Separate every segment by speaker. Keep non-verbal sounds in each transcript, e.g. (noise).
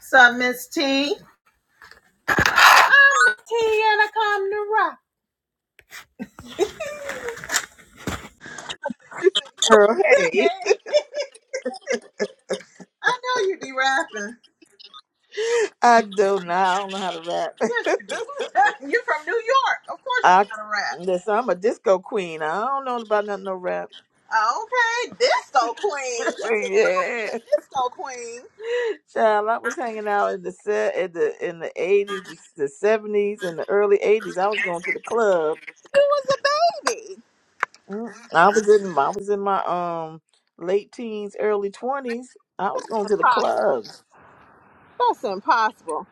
Speaker 1: So Miss T, I'm Miss T and I come to rock.
Speaker 2: Girl, hey,
Speaker 1: Hey, I know you be rapping.
Speaker 2: I do not. I don't know how to rap.
Speaker 1: Yes, you do. (laughs) You're from New York. Of course you
Speaker 2: I
Speaker 1: gotta rap.
Speaker 2: listen. I'm a disco queen. I don't know about nothing no rap.
Speaker 1: Okay, disco
Speaker 2: (laughs)
Speaker 1: queen. What you doing? The
Speaker 2: yeah,
Speaker 1: disco queen.
Speaker 2: child. I was hanging out in the set in the in the eighties, the seventies, and the early eighties. I was going to the club.
Speaker 1: You was a baby.
Speaker 2: Mm, I was in I was in my um late teens, early twenties. I was
Speaker 1: That's
Speaker 2: going to the
Speaker 1: impossible.
Speaker 2: clubs.
Speaker 1: That's impossible.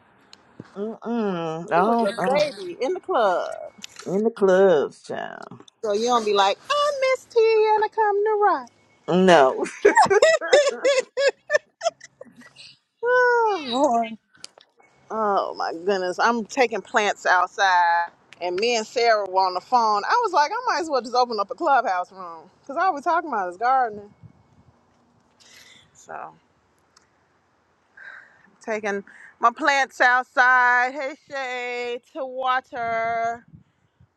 Speaker 2: Mm-mm. I
Speaker 1: You was
Speaker 2: don't, uh,
Speaker 1: a baby in the club.
Speaker 2: in the clubs, child.
Speaker 1: So you don't be like, I'm Miss T and I come to rock.
Speaker 2: No.
Speaker 1: (laughs) oh, Lord. Oh my goodness. I'm taking plants outside and me and Sarah were on the phone. I was like, I might as well just open up a clubhouse room because all we're talking about is gardening. So taking my plants outside, hey Shay, to water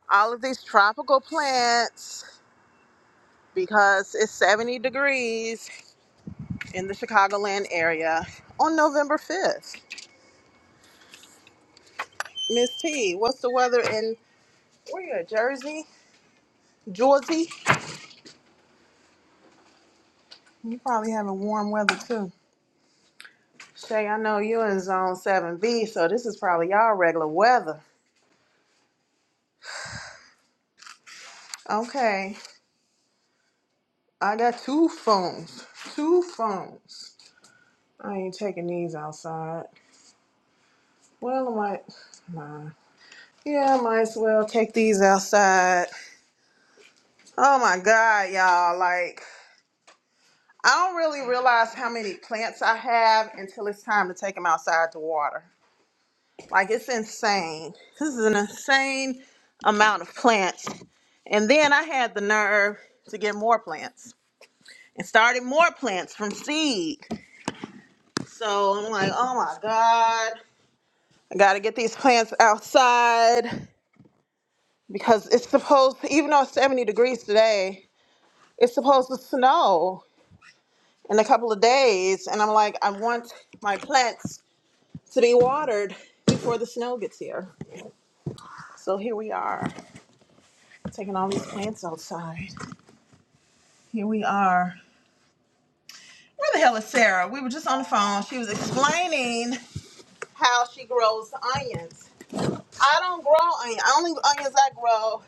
Speaker 1: all of these tropical plants because it's 70 degrees in the Chicagoland area on November 5th. Miss T, what's the weather in where you at, Jersey? Jersey? You probably having warm weather too. Shay, I know you're in zone 7B, so this is probably y'all regular weather. Okay, I got two phones. Two phones. I ain't taking these outside. Well, I might. Nah. Yeah, I might as well take these outside. Oh my God, y'all. Like, I don't really realize how many plants I have until it's time to take them outside to water. Like it's insane. This is an insane amount of plants. And then I had the nerve to get more plants and started more plants from seed. So I'm like, oh my God, I gotta get these plants outside because it's supposed, even though it's 70 degrees today, it's supposed to snow in a couple of days. And I'm like, I want my plants to be watered before the snow gets here. So here we are, taking all these plants outside. Here we are. Where the hell is Sarah? We were just on the phone. She was explaining how she grows onions. I don't grow onions. Only onions I grow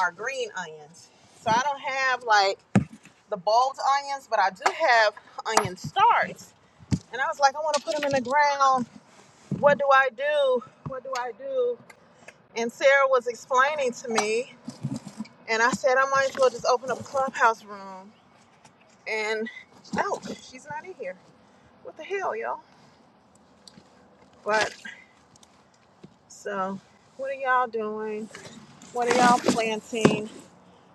Speaker 1: are green onions. So I don't have like the bulbed onions, but I do have onion starts. And I was like, I want to put them in the ground. What do I do? What do I do? And Sarah was explaining to me, and I said, I might as well just open up a clubhouse room. And oh, she's not in here. What the hell, y'all? But So, what are y'all doing? What are y'all planting?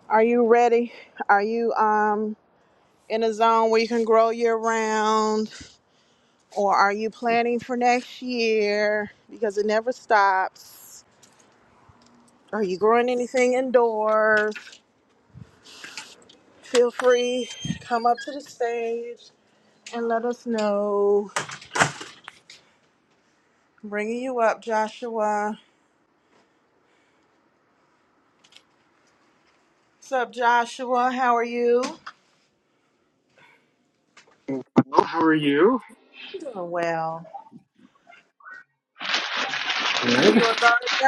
Speaker 1: Are you ready? Are you um in a zone where you can grow year round or are you planning for next year because it never stops? Are you growing anything indoors? Feel free come up to the stage and let us know. Bringing you up, Joshua. What's up, Joshua? How are you?
Speaker 3: Well, how are you?
Speaker 1: Doing well. Are
Speaker 3: Good.
Speaker 1: you a gardener?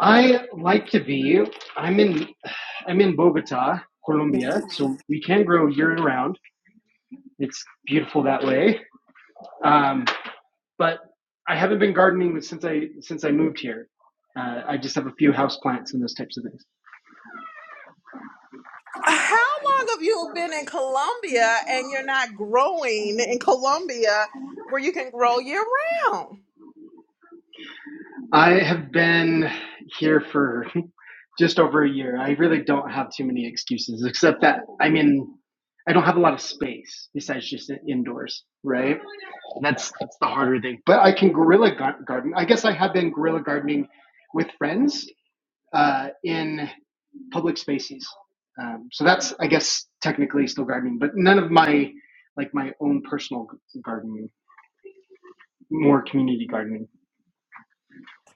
Speaker 3: I like to be. I'm in. I'm in Bogota, Colombia, so we can grow year-round. It's beautiful that way. Um, but I haven't been gardening since I since I moved here. Uh, I just have a few house plants and those types of things.
Speaker 1: How long have you been in Colombia and you're not growing in Colombia where you can grow year round?
Speaker 3: I have been here for (laughs) just over a year. I really don't have too many excuses, except that I'm in. I don't have a lot of space besides just indoors, right? That's that's the harder thing. But I can guerrilla garden. I guess I have been guerrilla gardening with friends uh, in public spaces. Um, so that's I guess technically still gardening, but none of my like my own personal gardening, more community gardening.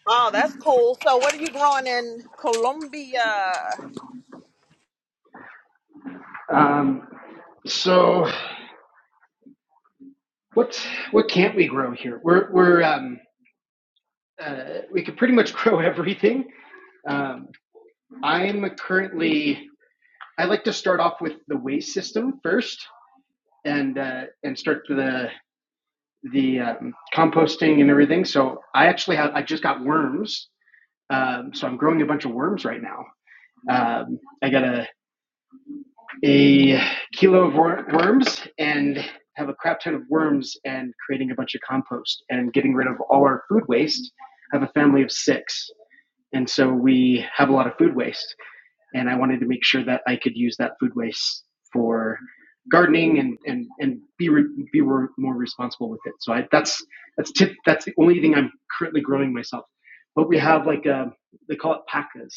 Speaker 1: Oh, that's cool. So, what are you growing in Colombia?
Speaker 3: Um, so what what can't we grow here? We're we're um, uh, we could pretty much (laughs) grow everything. Um, I'm currently I like to start off with the waste system first and uh, and start the the um, composting and everything. So I actually have I just got worms. Um, so I'm growing a bunch of worms right now. Um, I got a a kilo of wor- worms and have a crap ton of worms and creating a bunch of compost and getting rid of all our food waste. I have a family of six, and so we have a lot of food waste. and I wanted to make sure that I could use that food waste for gardening and and and be re, be re, more responsible with it. So I, that's that's tip, that's the only thing I'm currently growing myself. But we have like a, they call it pacas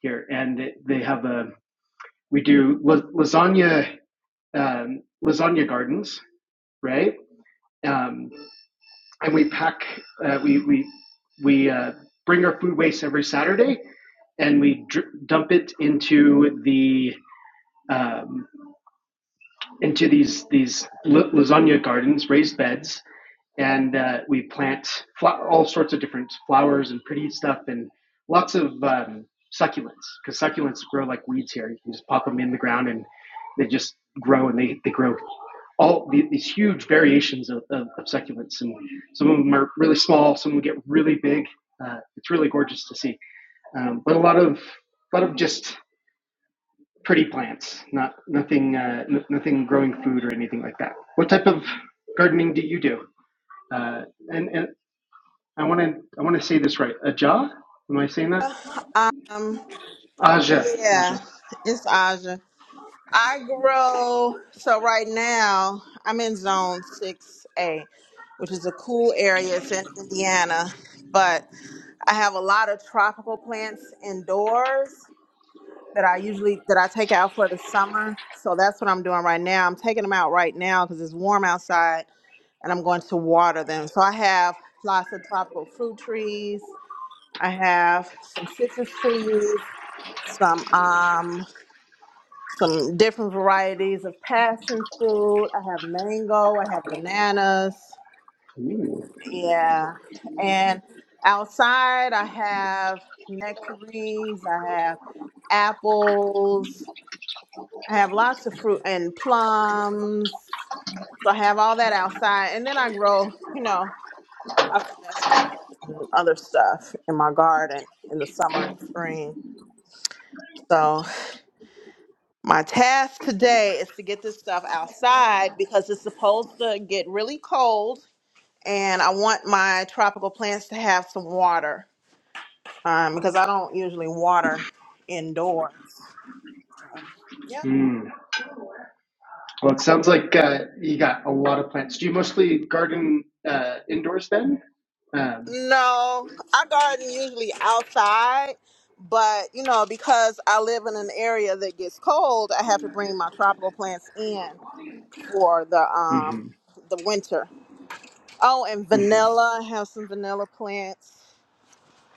Speaker 3: here, and they have a we do lasagna um, lasagna gardens, right? Um, and we pack uh, we we we uh, bring our food waste every Saturday, and we dr- dump it into the um, into these these lasagna gardens, raised beds, and uh, we plant fla- all sorts of different flowers and pretty stuff, and lots of um, succulents because succulents grow like weeds here. You can just pop them in the ground, and they just grow, and they they grow all the, these huge variations of, of, of succulents, and some of them are really small, some of them get really big. Uh, it's really gorgeous to see, um, but a lot of a lot of just pretty plants, not nothing, uh, n- nothing growing food or anything like that. What type of gardening do you do? Uh, and, and I want to I want to say this right. Aja, am I saying that?
Speaker 1: (sighs) Um,
Speaker 3: Aja,
Speaker 1: yeah,
Speaker 3: Aja.
Speaker 1: it's Aja. I grow, so right now I'm in zone 6A, which is a cool area. It's in Indiana, but I have a lot of tropical plants indoors. that I usually that I take out for the summer. So that's what I'm doing right now. I'm taking them out right now because it's warm outside, and I'm going to water them. So I have lots of tropical fruit trees. I have some citrus trees, some um, some different varieties of passion fruit. I have mango. I have bananas. Yeah, and outside I have nectarines. I have apples I have lots of fruit and plums. So I have all that outside. And then I grow, you know, lots of vegetables and other stuff in my garden in the summer and spring. So my task today is to get this stuff outside because it's supposed to get really cold. And I want my tropical plants to have some water um, because I don't usually water indoors.
Speaker 3: Hmm. Well, it sounds like uh, you got a lot of plants. Do you mostly garden uh, indoors then? Um,
Speaker 1: No, I garden usually outside, but you know, because I live in an area that gets cold, I have to bring my tropical plants in for the um
Speaker 3: mhm,
Speaker 1: the winter. Oh, and
Speaker 3: mhm.
Speaker 1: vanilla, I have some vanilla plants.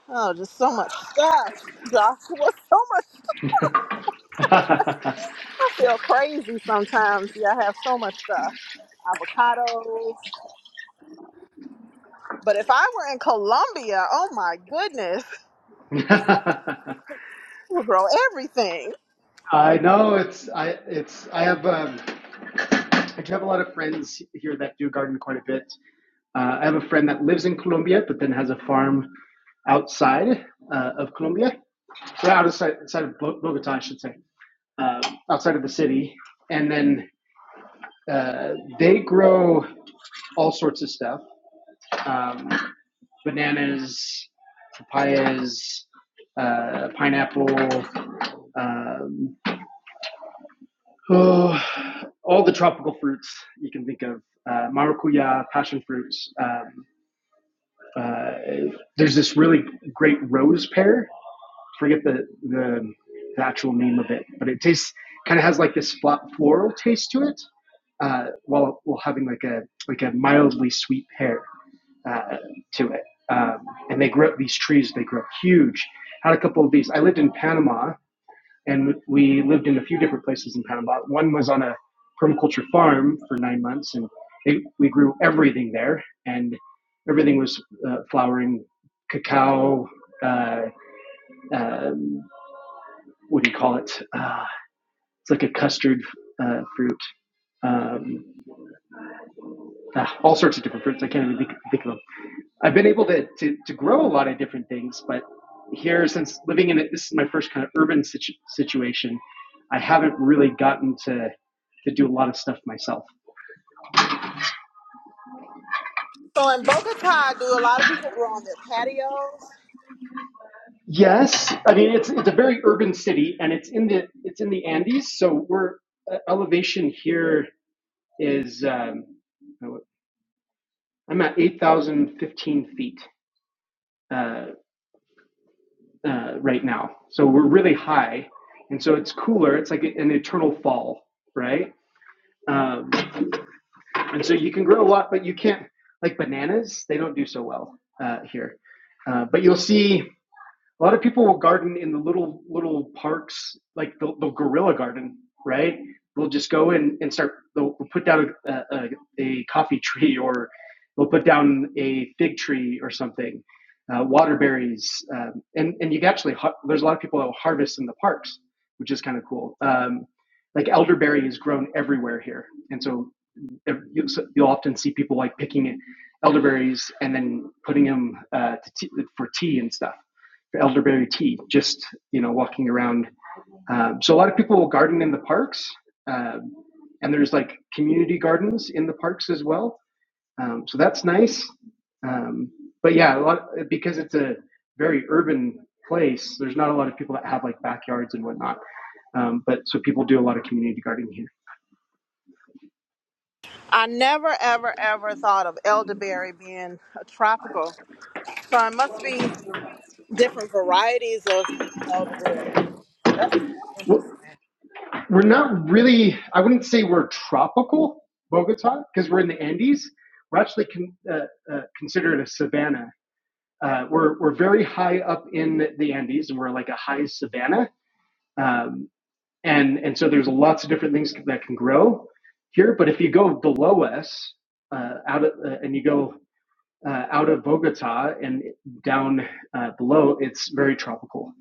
Speaker 1: Oh, just so much stuff, Joshua. (laughs) So much.
Speaker 3: (laughs)
Speaker 1: I feel crazy sometimes. Yeah, I have so much stuff. Avocados. But if I were in Colombia, oh my goodness, (laughs) we'll grow everything.
Speaker 3: I know it's I it's I have um, I do have a lot of friends here that do garden quite a bit, Uh, I have a friend that lives in Colombia, but then has a farm outside uh, of Colombia, or outside, outside of Bogota, I should say, uh, outside of the city. And then uh, they grow all sorts of stuff um, bananas, papayas, uh, pineapple, um, oh, all the tropical fruits you can think of uh, maracuya, passion fruits. Um, Uh, there's this really great rose pear. Forget the, the the actual name of it, but it tastes kind of has like this fla- floral taste to it, uh, while while having like a like a mildly sweet pear uh, to it. Um, and they grow these trees. They grow huge. Had a couple of these. I lived in Panama and we lived in a few different places in Panama. One was on a permaculture farm for nine months, and they, we grew everything there, and everything was uh, flowering, cacao. Uh, um, what do you call it? Uh, it's like a custard uh, fruit. Um, ah, all sorts of different fruits. I can't even think, think of them I've been able to, to, to grow a lot of different things, but here, since living in it, this is my first kind of urban situ- situation, I haven't really gotten to, to do a lot of stuff myself.
Speaker 1: So in Bogota, do a lot of people grow on their patios?
Speaker 3: Yes, I mean it's it's a very urban city, and it's in the it's in the Andes. So we're uh, elevation here is um, I'm at eight thousand fifteen feet uh, uh, right now. So we're really high, and so it's cooler. It's like an eternal fall, right? Um, and so you can grow a lot, but you can't like bananas. They don't do so well uh, here. Uh, but you'll see a lot of people will garden in the little little parks, like the, the gorilla garden, right? They'll just go in and start. They'll put down a, a, a coffee tree, (laughs) or they'll put down a fig tree or something, uh, water um, and and you can actually there's a lot of people that will harvest in the parks, which is kind of cool. Um, like elderberry is grown everywhere here, and so you, will often see people like picking elderberries and then putting them uh, to tea, for tea and stuff for elderberry tea just you know walking around um, so a lot of people will garden in the parks um, and there's like community gardens in the parks as well um, so that's nice um, but yeah a lot because it's a very urban place there's not a lot of people that have like backyards and whatnot um, but so people do a lot of community gardening here.
Speaker 1: I never, ever, ever thought of elderberry being a tropical. So it must be different varieties of elderberry. That's super
Speaker 3: What,
Speaker 1: interesting.
Speaker 3: We're not really, I wouldn't say we're tropical, Bogota, because we're in the Andes. We're actually con, uh, uh, considered a savanna. Uh, we're, we're very high up in the Andes and we're like a high savanna. Um, and, and so there's lots of different things that can grow here. But if you go below us, uh, out of, uh, and you go uh, out of Bogota and down uh, below, it's very tropical,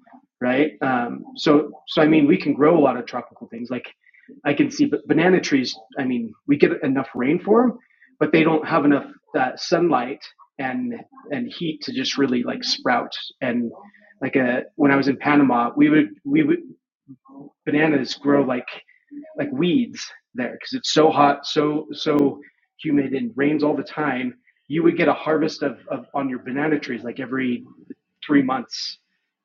Speaker 3: right? Um, so, so I mean, we can grow a lot of tropical things. Like I can see, but banana trees. I mean, we get enough rain for them, but they don't have enough uh, sunlight and and heat to just really like sprout. And like a, when I was in Panama, we would we would bananas grow like like weeds there because it's so hot, so so humid, and rains all the time. You would get a harvest of, of on your banana trees like every three months,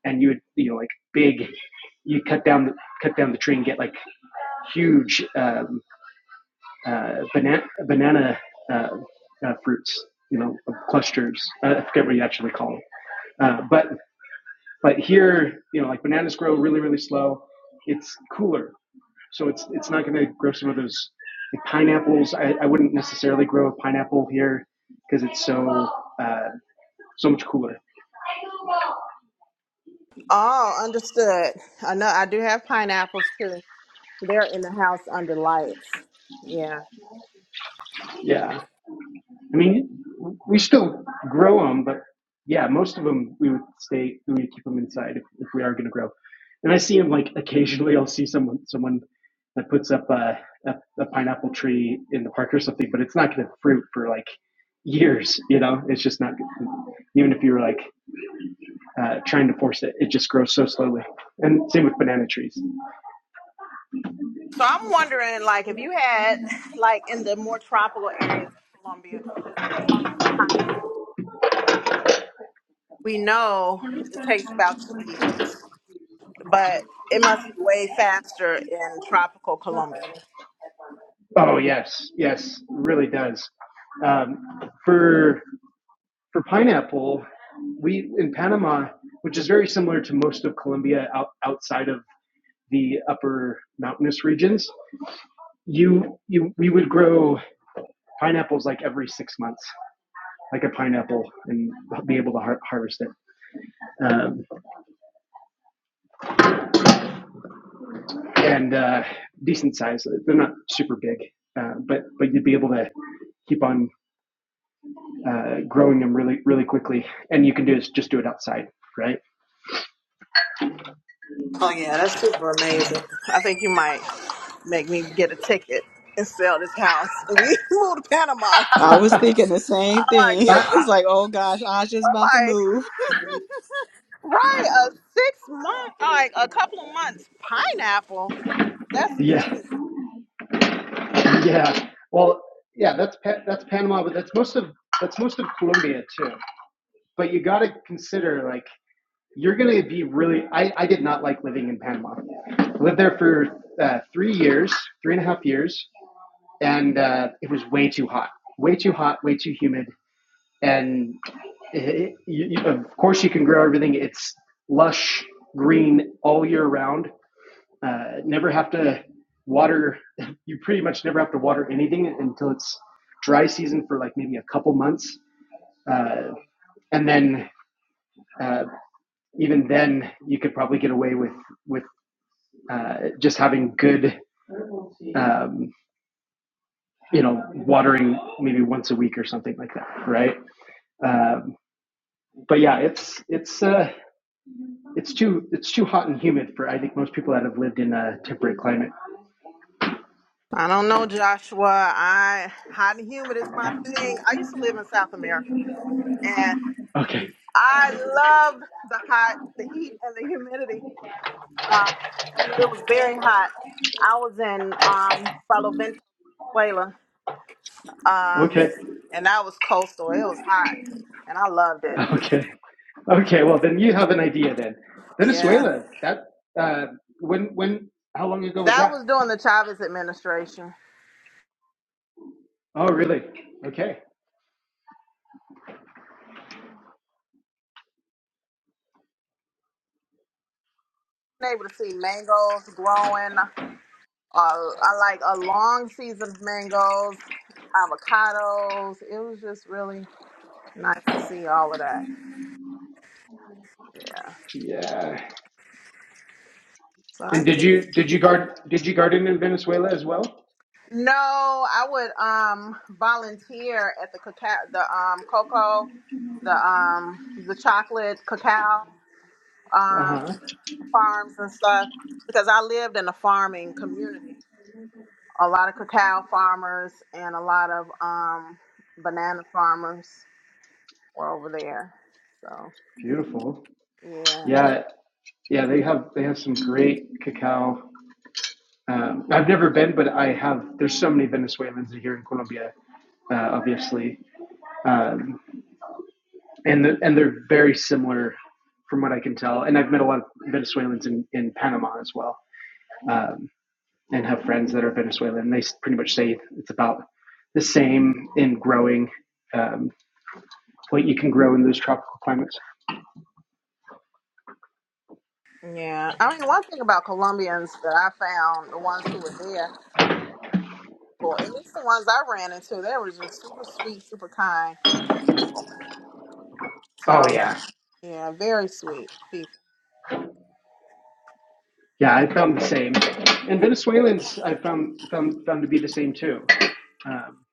Speaker 3: and you would you know like big. You cut down the cut down the tree and get like huge um, uh, banana banana uh, uh, fruits, you know, clusters. Uh, I forget what you actually call them, uh, but but here you know like bananas grow really really slow. It's cooler so it's it's not going to grow some of those like pineapples. I, I wouldn't necessarily grow a pineapple here because it's so uh, so much cooler.
Speaker 1: Oh, understood. I know I do have pineapples too. They're in the house under lights. Yeah.
Speaker 3: Yeah, I mean we still grow them, but yeah, most of them we would stay we would keep them inside if, if we are going to grow. And I see them like occasionally. I'll see someone someone that puts up a, a, a pineapple tree in the park or something, but it's not going to fruit for like years. You know, it's just not even if you were like uh, trying to force it. It just grows so slowly. And same with banana trees.
Speaker 1: So I'm wondering, like, if you had, like, in the more tropical areas of Colombia, we know it takes about two years. but it must be way faster in tropical Colombia.
Speaker 3: Oh yes, yes, really does. Um, for for pineapple, we in Panama, which is very similar to most of Colombia out, outside of the upper mountainous regions, you you we would grow pineapples like every six months, like a pineapple, and be able to har- harvest it. Um, and uh, decent size. They're not super big, uh, but but you'd be able to keep on uh, growing them really really quickly. And you can do is just do it outside, right?
Speaker 1: Oh yeah, that's super amazing. I think you might make me get a ticket and sell this house. And we (laughs) move to Panama.
Speaker 3: (laughs)
Speaker 4: I was
Speaker 3: I,
Speaker 4: thinking the
Speaker 1: (laughs)
Speaker 4: same
Speaker 1: oh my
Speaker 4: thing. (laughs) I
Speaker 1: goodness.
Speaker 3: I,
Speaker 4: was like, oh gosh, Aja's about to
Speaker 1: I'm like,
Speaker 4: move.
Speaker 1: right, a six month like a couple of months pineapple. That's
Speaker 3: Yeah,
Speaker 1: amazing.
Speaker 3: (laughs) yeah. well, yeah, that's that's Panama, but that's most of that's most of Colombia too. But you got to consider like you're gonna be really. I I did not like living in Panama. I lived there for uh, three years, three and a half years, and uh, it was way too hot, way too hot, way too humid. and it, you, of course you can grow everything. It's lush green all year round. Uh, never have to water. (laughs) You pretty much never have to water anything until it's dry season for like maybe a couple months, uh, and then uh, even then you could probably get away with with uh, just having good. Um, you know, watering maybe once a week or something like that, right? Um, but yeah, it's it's uh, It's too it's too hot and humid for I think most people that have lived in a temperate climate.
Speaker 1: I don't know, Joshua. I hot and humid is my thing. I used to live in South America and
Speaker 3: Okay,
Speaker 1: I loved the hot, the heat and the humidity Um, it was very hot. I was in um, Palo Vento, Venezuela,
Speaker 3: okay,
Speaker 1: um, and that was coastal. It was hot, and I loved it.
Speaker 3: okay, okay. Well, then you have an idea. Then
Speaker 1: Yeah,
Speaker 3: Venezuela. That uh, when when how long ago was
Speaker 1: that
Speaker 3: that?
Speaker 1: was during the Chavez administration.
Speaker 3: Oh, really? Okay.
Speaker 1: Been able to see mangoes growing. Uh, I like a long season of mangoes, avocados. It was just really nice to see all of that. Yeah.
Speaker 3: Yeah.
Speaker 1: So I
Speaker 3: And
Speaker 1: did
Speaker 3: did you did you guard did you garden in Venezuela as well?
Speaker 1: No, I would um volunteer at the cacao, the um cocoa, the um the chocolate cacao
Speaker 3: Uh
Speaker 1: um
Speaker 3: huh.
Speaker 1: farms and stuff because I lived in a farming community. A lot of cacao farmers and a lot of um banana farmers were over there. So
Speaker 3: Beautiful.
Speaker 1: yeah,
Speaker 3: Yeah, yeah. They have they have some great cacao. Um, I've never been, but I have. There's so many Venezuelans here in Colombia, uh, obviously. um, and the, and they're very similar from what I can tell. And I've met a lot of Venezuelans in, in Panama as well, um, and have friends that are Venezuelan. they pretty much say it's about the same in growing um, what you can grow in those tropical climates.
Speaker 1: yeah. I mean, one thing about Colombians that I found, the ones who were there, or at least the ones I ran into, they were just super sweet, super kind. So.
Speaker 3: Oh yeah,
Speaker 1: Yeah, very sweet people.
Speaker 3: yeah, I found the same. And Venezuelans, I found found found to be the same too. Um,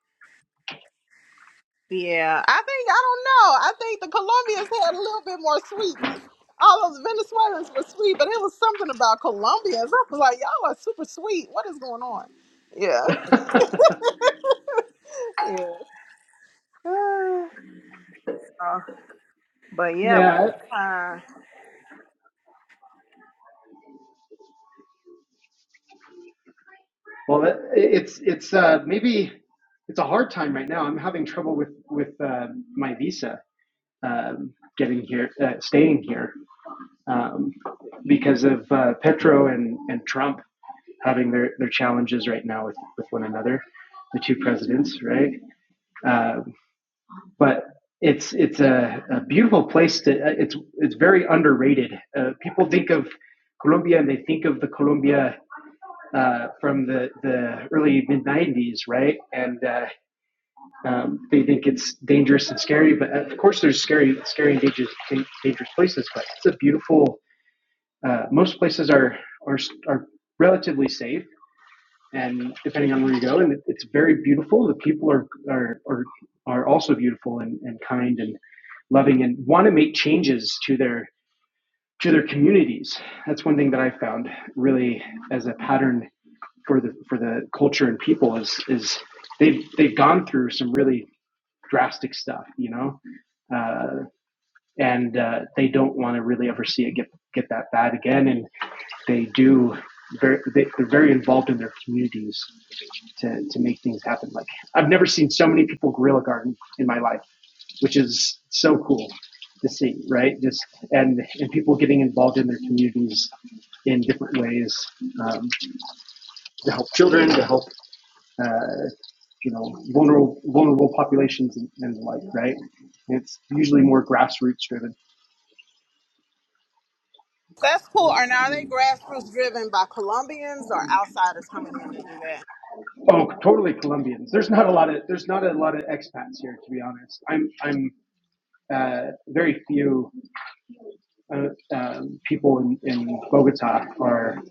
Speaker 1: Yeah, I think I don't know. I think the Colombians had a little bit more sweetness. All those Venezuelans were sweet, but it was something about Colombians. I was like, y'all are super sweet. What is going on? Yeah,
Speaker 3: (laughs)
Speaker 1: yeah. Uh, uh, but yeah,
Speaker 3: yeah,
Speaker 1: uh,
Speaker 3: well, it's it's uh, maybe it's a hard time right now. I'm having trouble with with uh, my visa um, getting here, uh, staying here, um, because of uh, Petro and, and Trump having their, their challenges right now with, with one another, the two presidents, right? Uh, but it's it's a, a beautiful place to. uh, It's it's very underrated. Uh, people think of Colombia and they think of the Colombia uh, from the the early mid '90s, right? And uh, um, they think it's dangerous and scary, but of course there's scary, scary and dangerous, dangerous places. But it's a beautiful. Uh, most places are are are relatively safe, and depending on where you go, and it's very beautiful. The people are are are, are also beautiful and, and kind and loving, and want to make changes to their to their communities. That's one thing that I found really as a pattern for the for the culture and people is is they've they've gone through some really drastic stuff, you know. Uh, and uh, they don't want to really ever see it get get that bad again. And they do very they, they're very involved in their communities to to make things happen. Like I've never seen so many people guerrilla garden in my life, which is so cool to see, right? Just and and people getting involved in their communities in different ways um, to help children, to help uh, you know, vulnerable vulnerable populations and, and the like, right? It's usually more grassroots driven.
Speaker 1: that's cool. And are they grassroots driven by Colombians or outsiders coming in to do that?
Speaker 3: Oh, totally Colombians. There's not a lot of there's not a lot of expats here, to be honest. I'm I'm uh, very few uh, um, people in, in Bogota are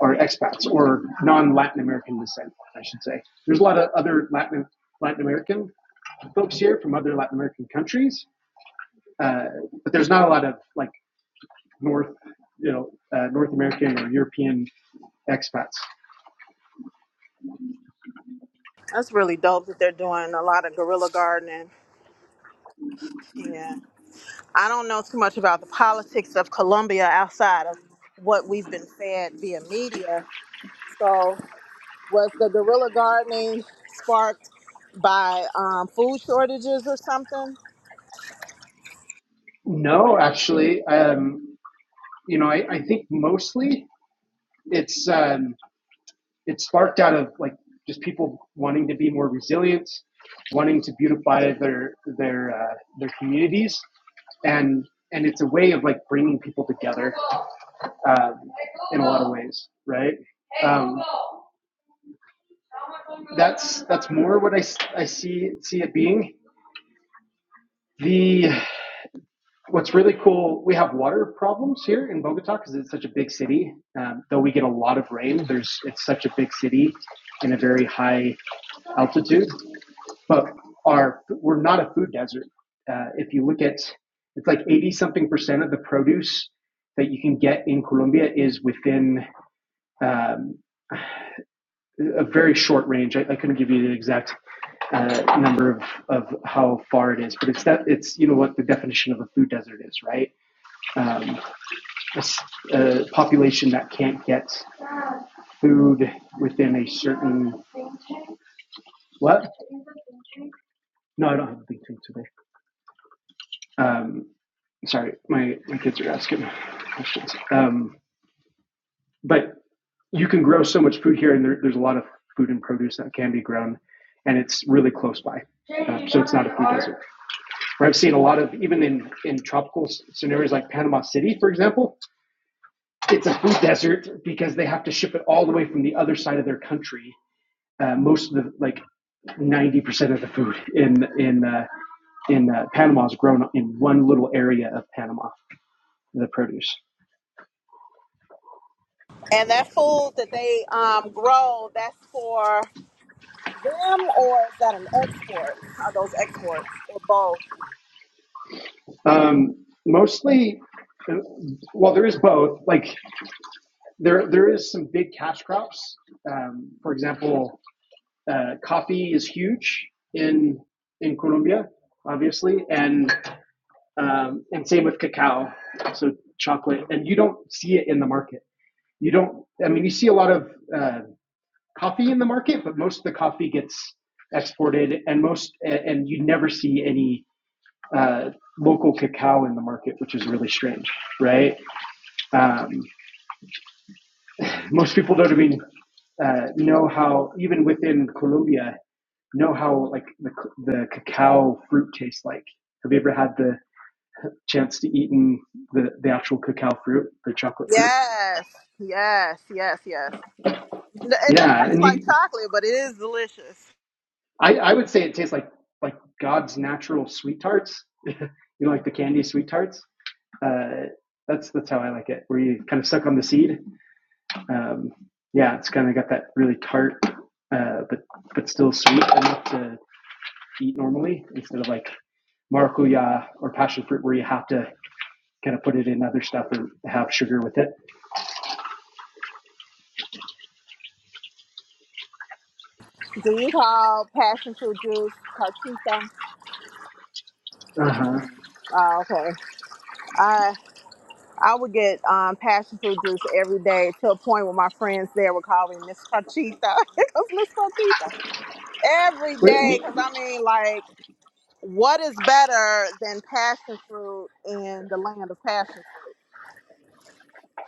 Speaker 3: are expats or non Latin American descent, I should say. There's a lot of other Latin Latin American folks here from other Latin American countries, uh, but there's not a lot of like North you know uh, North American or European expats?
Speaker 1: That's really dope that they're doing a lot of guerrilla gardening. Yeah, I don't know too much about the politics of Colombia outside of what we've been fed via media. So, was the guerrilla gardening sparked by um, food shortages or something?
Speaker 3: No, actually, um, you know, I, I think mostly it's um, it's sparked out of like just people wanting to be more resilient, wanting to beautify their their uh, their communities, and and it's a way of like bringing people together um, in a lot of ways, right? Um, that's that's more what I I see see it being the What's really cool, we have water problems here in Bogota because it's such a big city. Um, though we get a lot of rain, there's it's such a big city in a very high altitude. But our we're not a food desert. Uh, if you look at, it's like eighty something percent of the produce that you can get in Colombia is within um, a very short range. I, I couldn't give you the exact uh, number of, of how far it is, but it's that it's you know what the definition of a food desert is, right? Um, a a population that can't get food within a certain what? No, I don't have a big thing today. Um, sorry, my my kids are asking questions. Um, but you can grow so much food here, and there, there's a lot of food and produce that can be grown, and it's really close by, uh, so it's not a food desert. Where I've seen a lot of even in in tropical scenarios like Panama City, for example, it's a food desert because they have to ship it all the way from the other side of their country uh, most of the like ninety percent of the food in in uh, in uh, Panama is grown in one little area of Panama. The produce,
Speaker 1: And that food that they um, grow, that's for them, or is that an export? Are those exports or both?
Speaker 3: um, mostly. uh, Well, there is both. Like there, there is some big cash crops. Um, for example, uh, coffee is huge in in Colombia, obviously, and um, and same with cacao. So chocolate, and you don't see it in the market. You don't. I mean, you see a lot of uh, coffee in the market, but most of the coffee gets exported, and most and you never see any uh, local cacao in the market, which is really strange, right? Um, most people don't even uh, know how, even within Colombia, know how like the the cacao fruit tastes like. Have you ever had the chance to eat in the, the actual cacao fruit, the chocolate fruit?
Speaker 1: Yes, yes, yes, yes. N- It doesn't
Speaker 3: Yeah,
Speaker 1: taste
Speaker 3: and
Speaker 1: like
Speaker 3: you
Speaker 1: chocolate, but it is delicious.
Speaker 3: I, I would say it tastes like like God's natural sweet tarts. (laughs) you know, like the candy sweet tarts. Uh, that's that's how I like it, where you kind of suck on the seed. Um, yeah, it's kind of got that really tart, uh, but but still sweet enough to eat normally instead of like maracuya or passion fruit, where you have to kind of put it in other stuff or have sugar with it.
Speaker 1: Do you call passion fruit juice parchita?
Speaker 3: Uh huh.
Speaker 1: Oh, okay. I I would get um, passion fruit juice every day to a point where my friends there would call me Miss Conchita (laughs) because Miss Conchita every day. Because I mean, like, what is better than passion fruit in the land of passion fruit?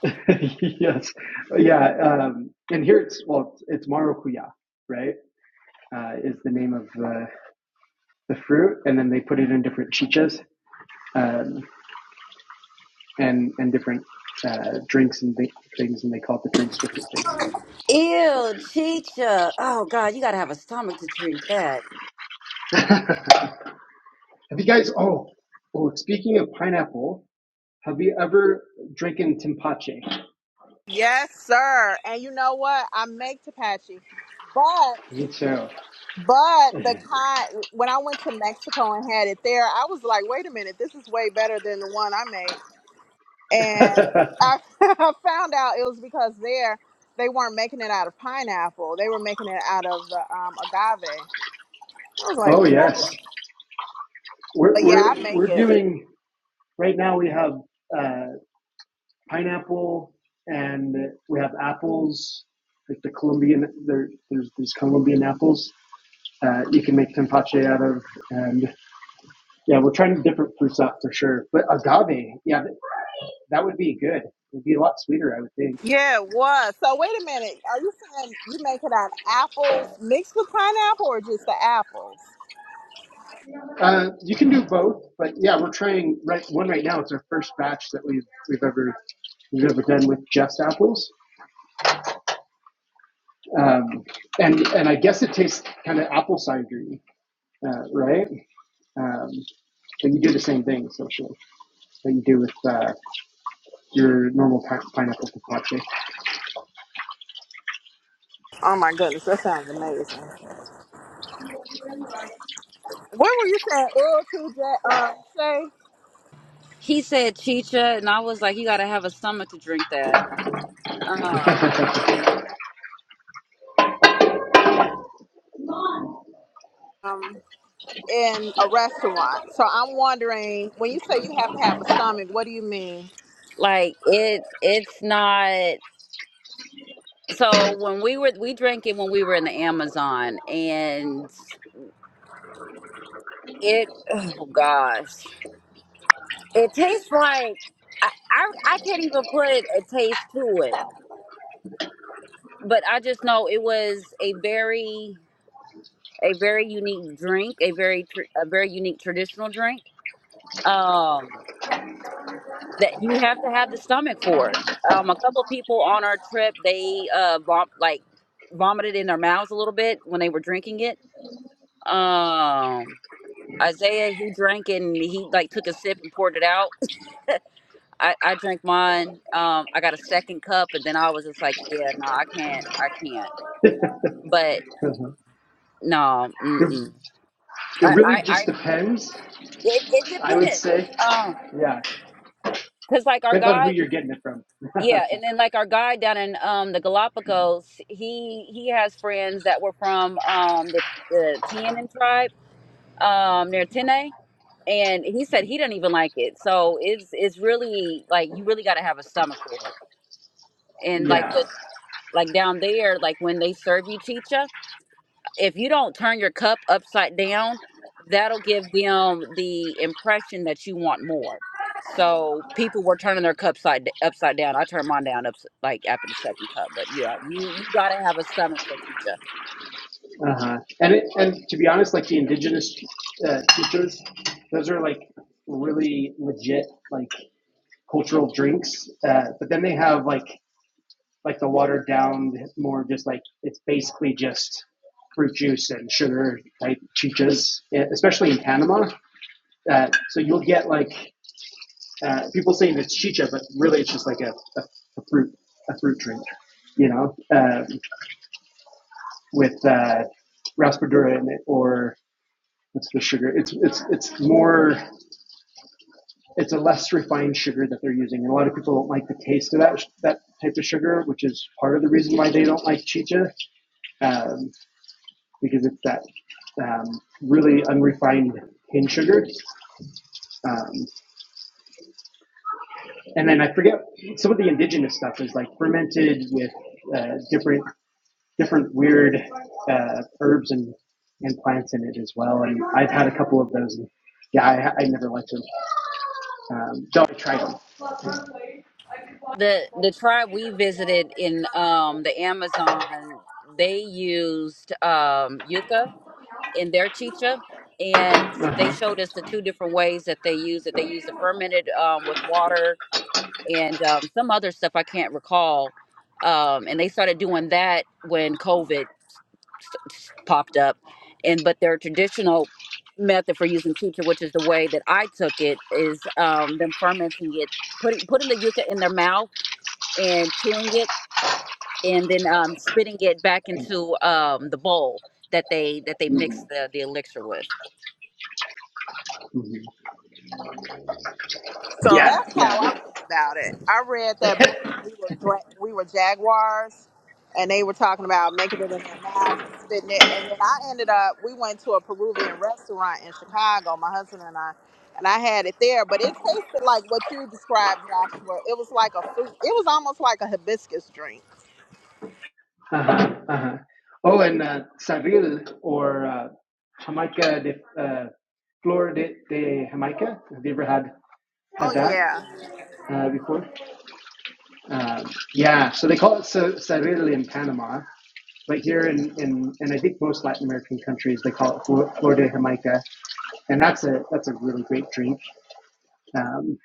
Speaker 3: (laughs) yes. Yeah. Um, and here it's, well, it's, it's maracuya, right? Uh, is the name of the, the fruit. And then they put it in different chichas um, and, and different uh, drinks and th- things. And they call it the drinks different things.
Speaker 5: Ew, chicha. Oh God, you gotta have a stomach to drink that.
Speaker 3: (laughs) have you guys, oh, well, speaking of pineapple, have you ever drinking timpache?
Speaker 1: Yes, sir. And you know what? I make tapache, but
Speaker 3: Me too.
Speaker 1: but the kind when I went to Mexico and had it there, I was like, wait a minute, this is way better than the one I made.
Speaker 3: (laughs)
Speaker 1: and I, (laughs) I found out it was because there they weren't making it out of pineapple; they were making it out of the um, agave. I was
Speaker 3: oh,
Speaker 1: like, what?
Speaker 3: yes. We're,
Speaker 1: but yeah,
Speaker 3: we're,
Speaker 1: I make
Speaker 3: we're
Speaker 1: it.
Speaker 3: doing, right now we have uh, pineapple, and we have apples, like the Colombian. There, there's these Colombian apples. Uh, you can make tempache out of, and yeah, we're trying different fruits out for sure. But agave, yeah, that would be good. It'd be a lot sweeter, I would think.
Speaker 1: Yeah, it was. So wait a minute. Are you saying you make it out of apples mixed with pineapple, or just the apples?
Speaker 3: Uh, you can do both, but yeah, we're trying right one right now. It's our first batch that we've we've ever we've ever done with just apples, um, and and I guess it tastes kind of apple cidery, uh, right? Um, but you do the same thing, so sure. that you do with uh, your normal pi- pineapple focaccia.
Speaker 1: Oh my goodness, that sounds amazing. Where were you saying, Earl to J- um, say?
Speaker 5: He said chicha, and I was like, you gotta have a stomach to drink that. Um,
Speaker 3: (laughs)
Speaker 1: Um, in a restaurant. So I'm wondering, when you say you have to have a stomach, what do you mean?
Speaker 5: like it, it's not. So when we were, we drank it when we were in the Amazon, and it, oh gosh, it tastes like I, I, I can't even put a taste to it, but I just know it was a very, a very unique drink, a very, tr- a very unique traditional drink. Um. that you have to have the stomach for it. Um, a couple of people on our trip, they uh, vom- like vomited in their mouths a little bit when they were drinking it. Um, Isaiah, he drank and he like took a sip and poured it out. I, I drank mine. Um, I got a second cup and then I was just like, yeah, no, I can't, I can't.
Speaker 3: it,
Speaker 5: But no, mm-mm.
Speaker 3: it
Speaker 5: I,
Speaker 3: really
Speaker 5: I, I
Speaker 3: just depends,
Speaker 5: it, it
Speaker 3: I would
Speaker 5: depends.
Speaker 3: say.
Speaker 5: Um,
Speaker 3: Yeah,
Speaker 5: cause like our
Speaker 3: depends on
Speaker 5: guide
Speaker 3: who you're getting it from. (laughs)
Speaker 5: Yeah, and then like our guy down in um the Galapagos, he he has friends that were from um the the Tianan tribe um near Tene, and he said he does not even like it. So it's it's really like you really got to have a stomach for it. And like
Speaker 3: Yeah,
Speaker 5: with like down there, like when they serve you chicha, if you don't turn your cup upside down, that'll give them the impression that you want more. So people were turning their cups side, upside down. I turned mine down up like after the second cup, but yeah, you, you gotta have a stomach for teacher.
Speaker 3: uh-huh. and it, and to be honest, like the indigenous uh, chichos, those are like really legit like cultural drinks. Uh, but then they have like like the watered down, more just like it's basically just fruit juice and sugar type chichas, eh, especially in Panama. Uh, so you'll get like uh, people saying it's chicha, but really it's just like a, a, a fruit a fruit drink, you know, um, with uh, raspadura in it or it's the sugar. It's it's it's more it's a less refined sugar that they're using, and a lot of people don't like the taste of that that type of sugar, which is part of the reason why they don't like chicha. Um, because it's that um, really unrefined cane sugar. Um, and then I forget some of the indigenous stuff is like fermented with uh, different different weird uh, herbs and, and plants in it as well. And I've had a couple of those. And yeah, I, I never liked them. Um, though I tried them.
Speaker 5: The the tribe we visited in um the Amazon, they used um yucca in their chicha, and they
Speaker 3: Uh-huh.
Speaker 5: showed us the two different ways that they use it. They use the fermented um with water and um, some other stuff I can't recall. Um, and they started doing that when COVID s- s- popped up. And but their traditional method for using teacher, which is the way that I took it, is um, them fermenting it, putting putting the yuca in their mouth and chewing it, and then um, spitting it back into um, the bowl that they that they mix
Speaker 3: Mhm.
Speaker 5: the, the elixir with.
Speaker 3: Mhm.
Speaker 1: So
Speaker 3: Yeah,
Speaker 1: that's how I
Speaker 3: yeah.
Speaker 1: read about it. I read
Speaker 3: (laughs)
Speaker 1: that book. We were dra- we were jaguars, and they were talking about making it in their mouths and spitting it. And then I ended up. We went to a Peruvian restaurant in Chicago, my husband and I, and I had it there. But it tasted like what you described, Joshua. It was like a fruit. It was almost like a hibiscus drink.
Speaker 3: Uh-huh, uh-huh. Oh, and uh, Saril or uh, Jamaica de uh, Flor de, de Jamaica. Have you ever had
Speaker 1: Oh
Speaker 3: had that
Speaker 1: yeah,
Speaker 3: uh, before? Um, yeah, so they call it sa- Saril in Panama, but here in, in and I think most Latin American countries they call it Flor, Flor de Jamaica, and that's a that's a really great drink, um,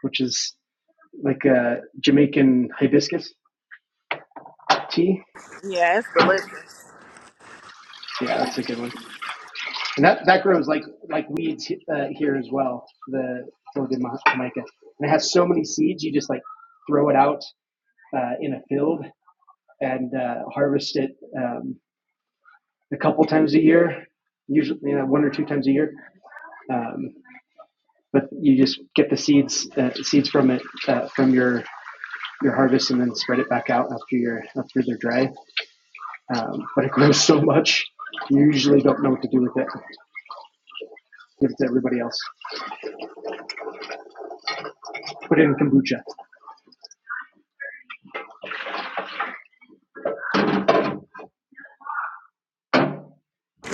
Speaker 3: which is like a Jamaican hibiscus tea.
Speaker 1: yeah, it's delicious.
Speaker 3: Yeah, that's a good one. And that, that grows like like weeds uh, here as well. The Thorogamica, and it has so many seeds. You just like throw it out uh, in a field and uh, harvest it um, a couple times a year, usually you know, one or two times a year. Um, but you just get the seeds uh, seeds from it uh, from your your harvest and then spread it back out after your after they're dry. Um, but it grows so much, you usually don't know what to do with it. Give it to everybody else. Put it in kombucha.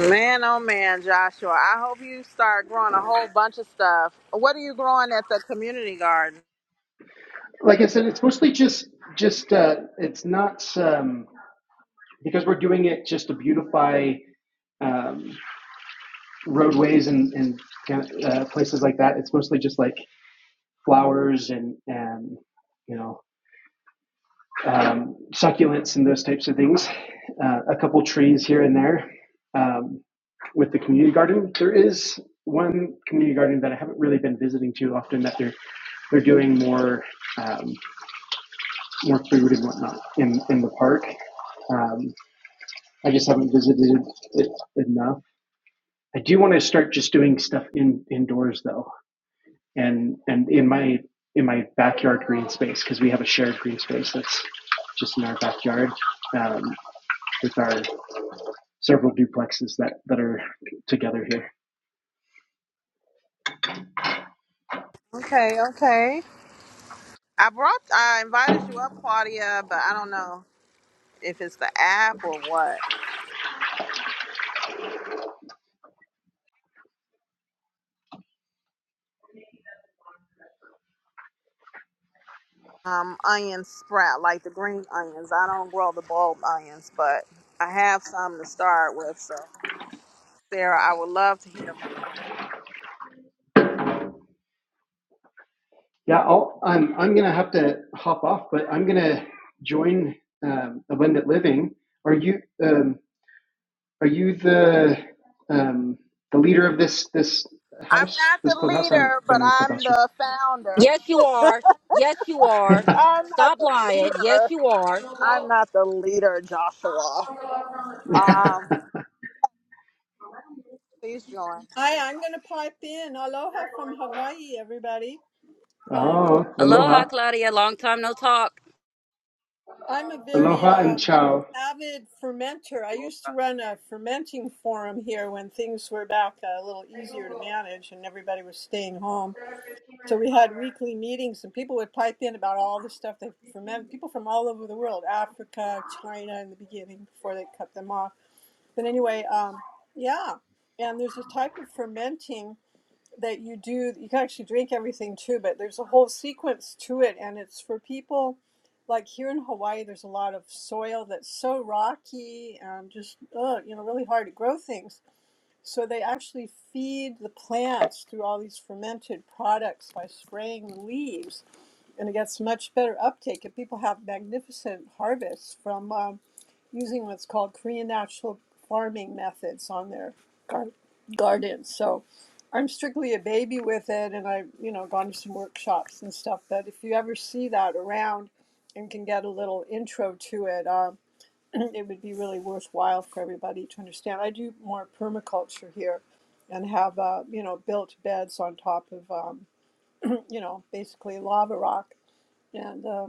Speaker 1: Man, oh man, Joshua. I hope you start growing a whole bunch of stuff. What are you growing at the community garden?
Speaker 3: like I said, it's mostly just just uh, it's not um, because we're doing it just to beautify um, roadways and and kind of, uh, places like that. It's mostly just like flowers and and you know um, succulents and those types of things. Uh, a couple trees here and there um, with the community garden. There is one community garden that I haven't really been visiting too often that they're they're doing more. Um, more food and whatnot in in the park. Um, I just haven't visited it enough. I do want to start just doing stuff in indoors though, and and in my in my backyard green space because we have a shared green space that's just in our backyard um, with our several duplexes that that are together here.
Speaker 1: Okay, okay. I brought, I invited you up, Claudia, but I don't know if it's the app or what. Um, onion sprout, like the green onions. I don't grow the bulb onions, but I have some to start with. So, Sarah, I would love to hear more.
Speaker 3: Yeah, I'll, I'm I'm gonna have to hop off, but I'm gonna join um, Abundant Living. Are you? Um, Are you the um, the leader of this this
Speaker 1: I'm
Speaker 3: house,
Speaker 1: not
Speaker 3: this
Speaker 1: the
Speaker 3: clubhouse? I
Speaker 1: leader,
Speaker 3: haven't
Speaker 1: but
Speaker 3: been on
Speaker 1: I'm
Speaker 3: clubhouse. (laughs)
Speaker 1: the founder.
Speaker 5: Yes, you are. Yes, you are.
Speaker 3: for-
Speaker 1: I'm not
Speaker 5: Stop
Speaker 1: the
Speaker 5: lying. Yes,
Speaker 1: leader.
Speaker 5: you are.
Speaker 1: I'm not the leader, Joshua. Um, please join.
Speaker 6: Hi, I'm going to pipe in. Aloha from Hawaii, everybody. Um,
Speaker 3: oh, aloha,
Speaker 5: Aloha, Claudia. Long time no talk.
Speaker 6: I'm a very
Speaker 3: aloha,
Speaker 6: uh,
Speaker 3: and ciao.
Speaker 6: avid fermenter. I used to run a fermenting forum here when things were back a little easier to manage and everybody was staying home. So we had weekly meetings and people would pipe in about all the stuff they ferment. People from all over the world, Africa, China in the beginning before they cut them off. But anyway, um, yeah. And there's a type of fermenting. that you do you can actually drink everything too but there's a whole sequence to it and it's for people like here in hawaii there's a lot of soil that's so rocky and just uh, you know really hard to grow things so they actually feed the plants through all these fermented products by spraying the leaves and it gets much better uptake and people have magnificent harvests from um, using what's called Korean natural farming methods on their gar- gardens. So I'm strictly a baby with it, and I've you know gone to some workshops and stuff. But if you ever see that around and can get a little intro to it, um, (clears throat) it would be really worthwhile for everybody to understand. I do more permaculture here, and have uh, you know built beds on top of um, (clears throat) you know basically lava rock, and uh,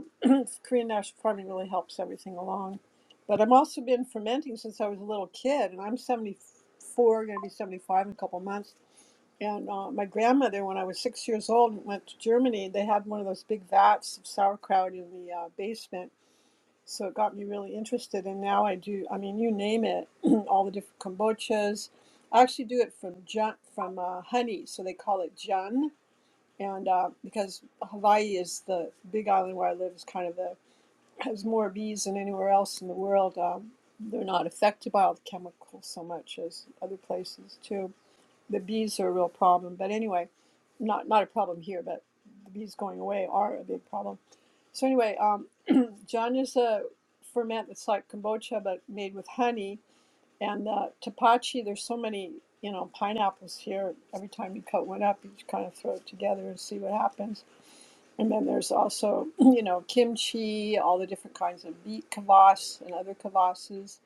Speaker 6: Korean natural farming really helps everything along. But I've also been fermenting since I was a little kid, and I'm 74, going to be 75 in a couple months. And uh, my grandmother, when I was six years old, went to Germany. They had one of those big vats of sauerkraut in the uh, basement. So it got me really interested. And now I do, I mean, you name it, (clears throat) all the different kombuchas. I actually do it from jun- from uh, honey, so they call it jun. And uh, because Hawaii is the big island where I live, is kind of the has more bees than anywhere else in the world. Um, they're not affected by all the chemicals so much as other places too. The bees are a real problem, but anyway, not not a problem here, but the bees going away are a big problem. So anyway, um, John is a ferment that's like kombucha but made with honey. And uh, tapachi, there's so many you know pineapples here. Every time you cut one up, you just kind of throw it together and see what happens and then there's also, (clears throat) you know, kimchi, all the different kinds of meat kvass and other kvasses.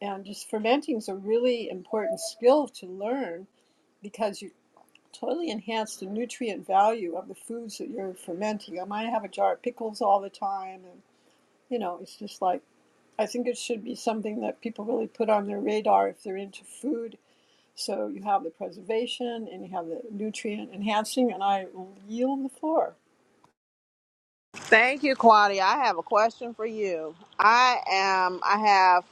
Speaker 6: And just fermenting is a really important skill to learn because you totally enhance the nutrient value of the foods that you're fermenting. I might have a jar of pickles all the time. And, you know, it's just like, I think it should be something that people really put on their radar if they're into food. So you have the preservation and you have the nutrient enhancing, and I yield the floor.
Speaker 1: Thank you, Claudia. I have a question for you. I am. I have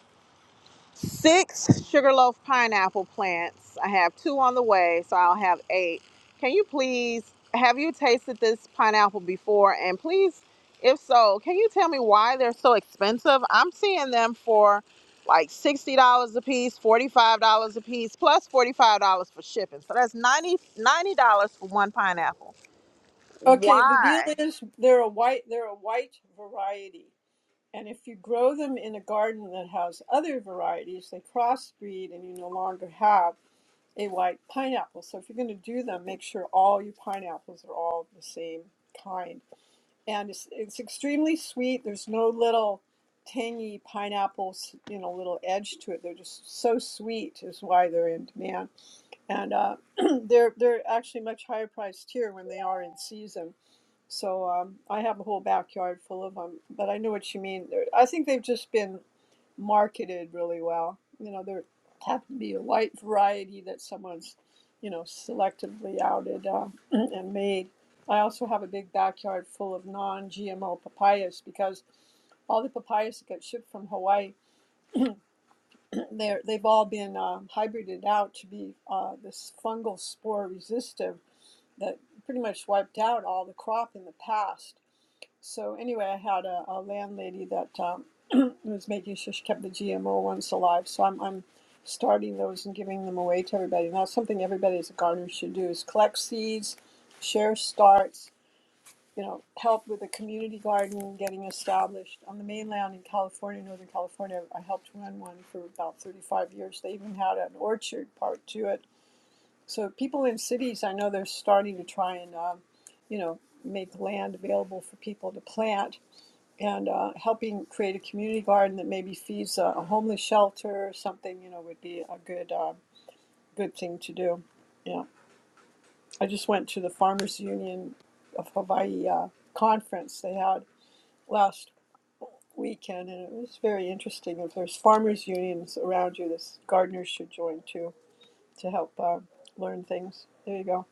Speaker 1: six sugarloaf pineapple plants. I have two on the way, so I'll have eight. Can you please have you tasted this pineapple before? And please, if so, can you tell me why they're so expensive? I'm seeing them for like $60 a piece, $45 a piece, plus $45 for shipping. So that's $90, dollars, $90 for one pineapple.
Speaker 6: Okay, the deal
Speaker 1: Why?
Speaker 6: is they're a white they're a white variety. And if you grow them in a garden that has other varieties, they crossbreed and you no longer have a white pineapple. So if you're going to do them, make sure all your pineapples are all the same kind. And it's, it's extremely sweet. There's no little tangy pineapples, you know, little edge to it. They're just so sweet is why they're in demand. And uh, (clears throat) they're they're actually much higher priced here when they are in season so um, I have a whole backyard full of them, but I know what you mean. They're, I think they've just been marketed really well. You know, there happened to be a white variety that someone's, you know, selectively outed uh, (clears throat) and made. I also have a big backyard full of non-GMO papayas because all the papayas that got shipped from Hawaii, (clears throat) they're, they've all been um, hybrided out to be uh, this fungal spore resistive that pretty much wiped out all the crop in the past. So anyway, I had a, a landlady that um, (clears throat) was making sure she kept the GMO ones alive. So I'm I'm starting those and giving them away to everybody. And that's something everybody as a gardener should do: is collect seeds, share starts. You know, help with the community garden getting established on the mainland in California, Northern California. I helped run one for about 35 years. They even had an orchard part to it. So people in cities, I know they're starting to try and, um, you know, make land available for people to plant and uh, helping create a community garden that maybe feeds a, a homeless shelter or something, you know, would be a good uh, good thing to do. Yeah, I just went to the Farmers Union of Hawaii uh, conference they had last weekend, and it was very interesting. If there's farmers unions around you, this gardeners should join too to help uh, learn things. There you go.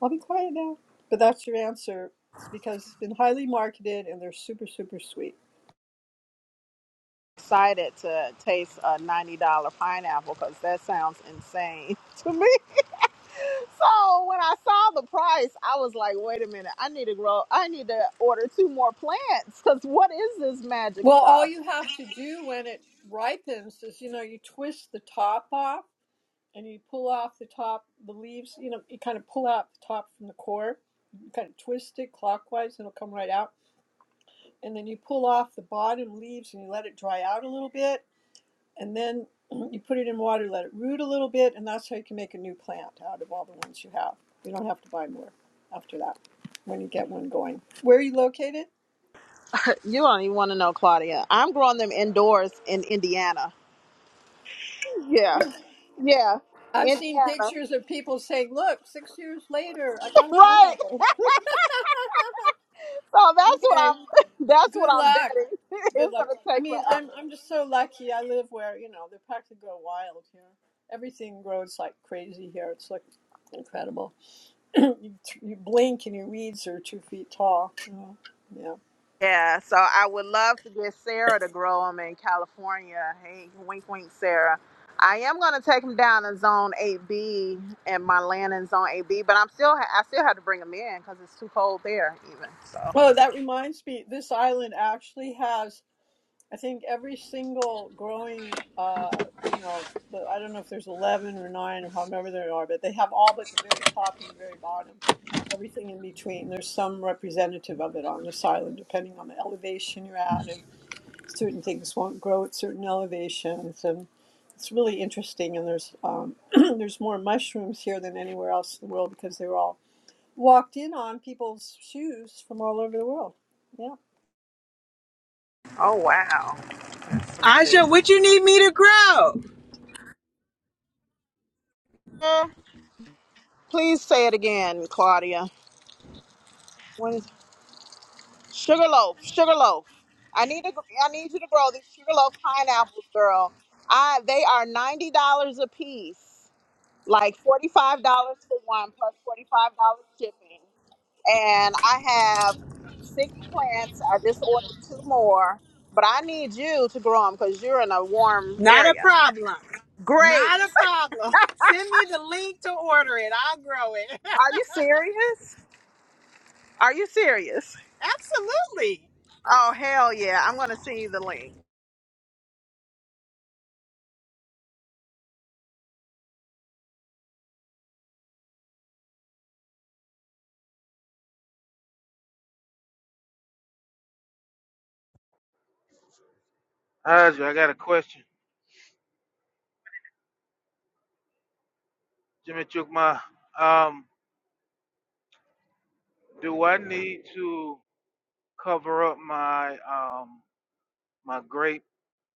Speaker 6: I'll be quiet now. But that's your answer. It's because it's been highly marketed and they're super super sweet.
Speaker 1: Excited to taste a $90 pineapple because that sounds insane (laughs) to me. So when I saw the price, I was like, wait a minute, I need to grow, I need to order two more plants because what is this magic
Speaker 6: Well, all
Speaker 1: stuff?
Speaker 6: you have to do when it ripens is, you know, you twist the top off and you pull off the top, the leaves, you know, you kind of pull out the top from the core. You kind of twist it clockwise and it'll come right out. And then you pull off the bottom leaves and you let it dry out a little bit. And then (clears throat) you put it in water, let it root a little bit. And that's how you can make a new plant out of all the ones you have. You don't have to buy more after that when you get one going. Where are you located?
Speaker 1: You don't even want to know, Claudia. I'm growing them indoors in Indiana. Yeah, yeah,
Speaker 6: I've seen
Speaker 1: Indiana, (laughs)
Speaker 6: pictures of people saying, "Look, six years later, I got a
Speaker 1: right?
Speaker 6: pineapple." (laughs)
Speaker 1: So that's what
Speaker 6: okay,
Speaker 1: I'm, (laughs) that's what
Speaker 6: good
Speaker 1: I'm
Speaker 6: luck.
Speaker 1: betting. (laughs) it's
Speaker 6: Good luck.
Speaker 1: gonna
Speaker 6: I
Speaker 1: take
Speaker 6: mean,
Speaker 1: forever.
Speaker 6: I'm I'm just so lucky. I live where you know they practically go wild here. Everything grows like crazy here. It's like incredible. (clears throat) you, you blink and your weeds are two feet tall. you know. Yeah.
Speaker 1: Yeah, so I would love to get Sarah to grow them in California. Hey, wink, wink, Sarah. I am gonna take them down in Zone 8B and my land in Zone 8B, but I'm still ha- I still have to bring them in because it's too cold there even. So,
Speaker 6: Oh, that reminds me. This island actually has. I think every single growing, uh, you know, the, I don't know if there's 11 or 9 or however there are, but they have all but the very top and the very bottom, everything in between. There's some representative of it on this island, depending on the elevation you're at, and certain things won't grow at certain elevations. And it's really interesting. And there's um, (clears throat) there's more mushrooms here than anywhere else in the world because they were all walked in on people's shoes from all over the world. Yeah.
Speaker 1: oh wow, that's
Speaker 4: Aja,
Speaker 1: amazing.
Speaker 4: what you need me to grow?
Speaker 1: Eh, Please say it again, Claudia. When is sugarloaf, sugarloaf. I need to I need you to grow these sugarloaf pineapples, girl. I they are ninety dollars a piece. like $45 for one plus $45 shipping. And I have six plants. I just ordered two more, but I need you to grow them because you're in a warm
Speaker 4: Not a
Speaker 1: area.
Speaker 4: problem.
Speaker 1: Great.
Speaker 4: Not a problem. (laughs) Send me the link to order it. I'll grow it.
Speaker 1: Are you serious? Are you serious?
Speaker 4: (laughs) Absolutely.
Speaker 1: Oh, hell yeah. I'm going to send you the link.
Speaker 7: Audrey, I got a question. Jimmy Chukma, um, do I need to cover up my um my grape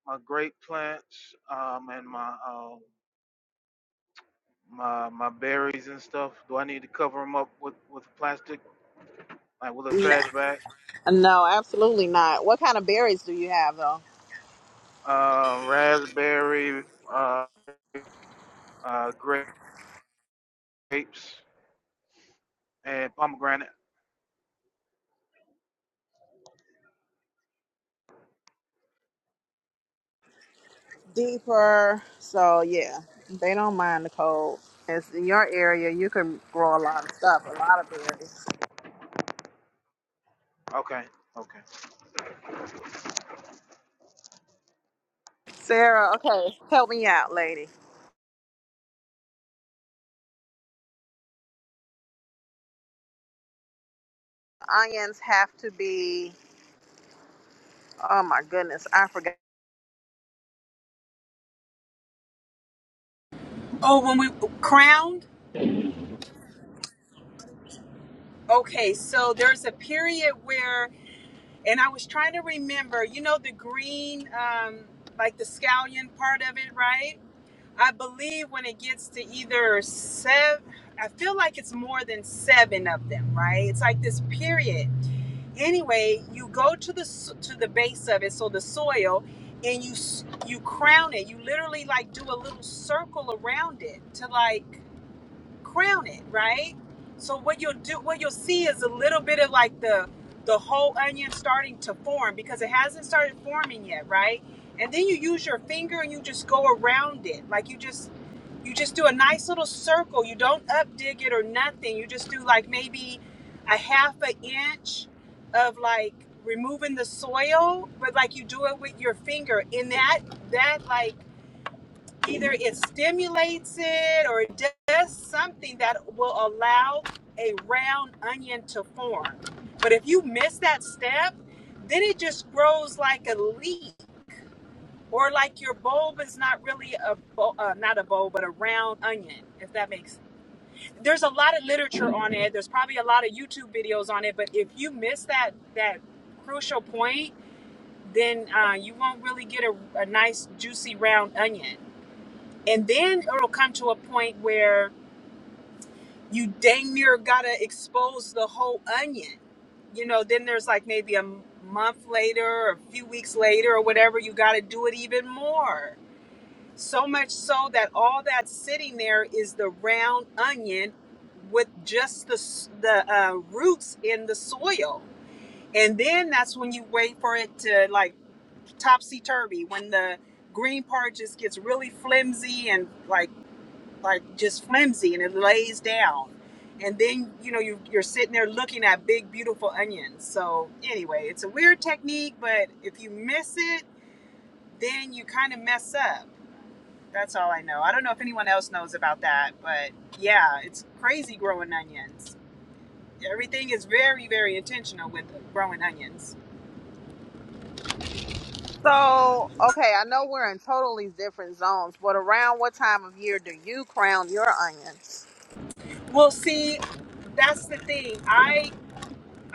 Speaker 7: my grape plants um and my um my my berries and stuff? Do I need to cover them up with with plastic like with a
Speaker 1: N-
Speaker 7: trash bag?
Speaker 1: No, absolutely not. What kind of berries do you have, though?
Speaker 7: Uh, raspberry, uh, uh, grapes and pomegranate.
Speaker 1: Deeper. So, yeah, they don't mind the cold. It's in your area. You can grow a lot of stuff, a lot of berries.
Speaker 7: Okay, okay.
Speaker 1: Sarah, okay, help me out, lady. Onions have to be. Oh my goodness, I forgot.
Speaker 4: Oh, when we crowned? Okay, so there's a period where, and I was trying to remember, you know, the green, um, like the scallion part of it, right? I believe when it gets to either seven, I feel like it's more than seven of them, right? It's like this period. Anyway, you go to the s- to the base of it, so the soil, and you s- you crown it. You literally like do a little circle around it to like crown it, right? So what you'll do, what you'll see is a little bit of like the the whole onion starting to form because it hasn't started forming yet, right? And then you use your finger and you just go around it, like you just you just do a nice little circle. You don't updig it or nothing. You just do like maybe a half an inch of like removing the soil, but like you do it with your finger. In that that like either it stimulates it or it does something that will allow a round onion to form. But if you miss that step, then it just grows like a leaf or like your bulb is not really a bulb, uh, not a bulb, but a round onion, if that makes. There's a lot of literature on it. There's probably a lot of YouTube videos on it, but if you miss that that crucial point, then uh, you won't really get a, a nice juicy round onion. And then it'll come to a point where you dang near gotta expose the whole onion. You know, then there's like maybe a m- month later, or a few weeks later, or whatever. You gotta do it even more So much so that all that's sitting there is the round onion with just the, s- the uh, roots in the soil. And then that's when you wait for it to like topsy turvy, when the green part just gets really flimsy and like like just flimsy and it lays down. And then you know you, you're sitting there looking at big beautiful onions. So anyway, it's a weird technique, but if you miss it, then you kind of mess up. That's all I know. I don't know if anyone else knows about that, but yeah, it's crazy growing onions. Everything is very, very intentional with growing onions.
Speaker 1: So, okay, I know we're in totally different zones, but around what time of year do you crown your onions?
Speaker 4: Well, see, that's the thing. I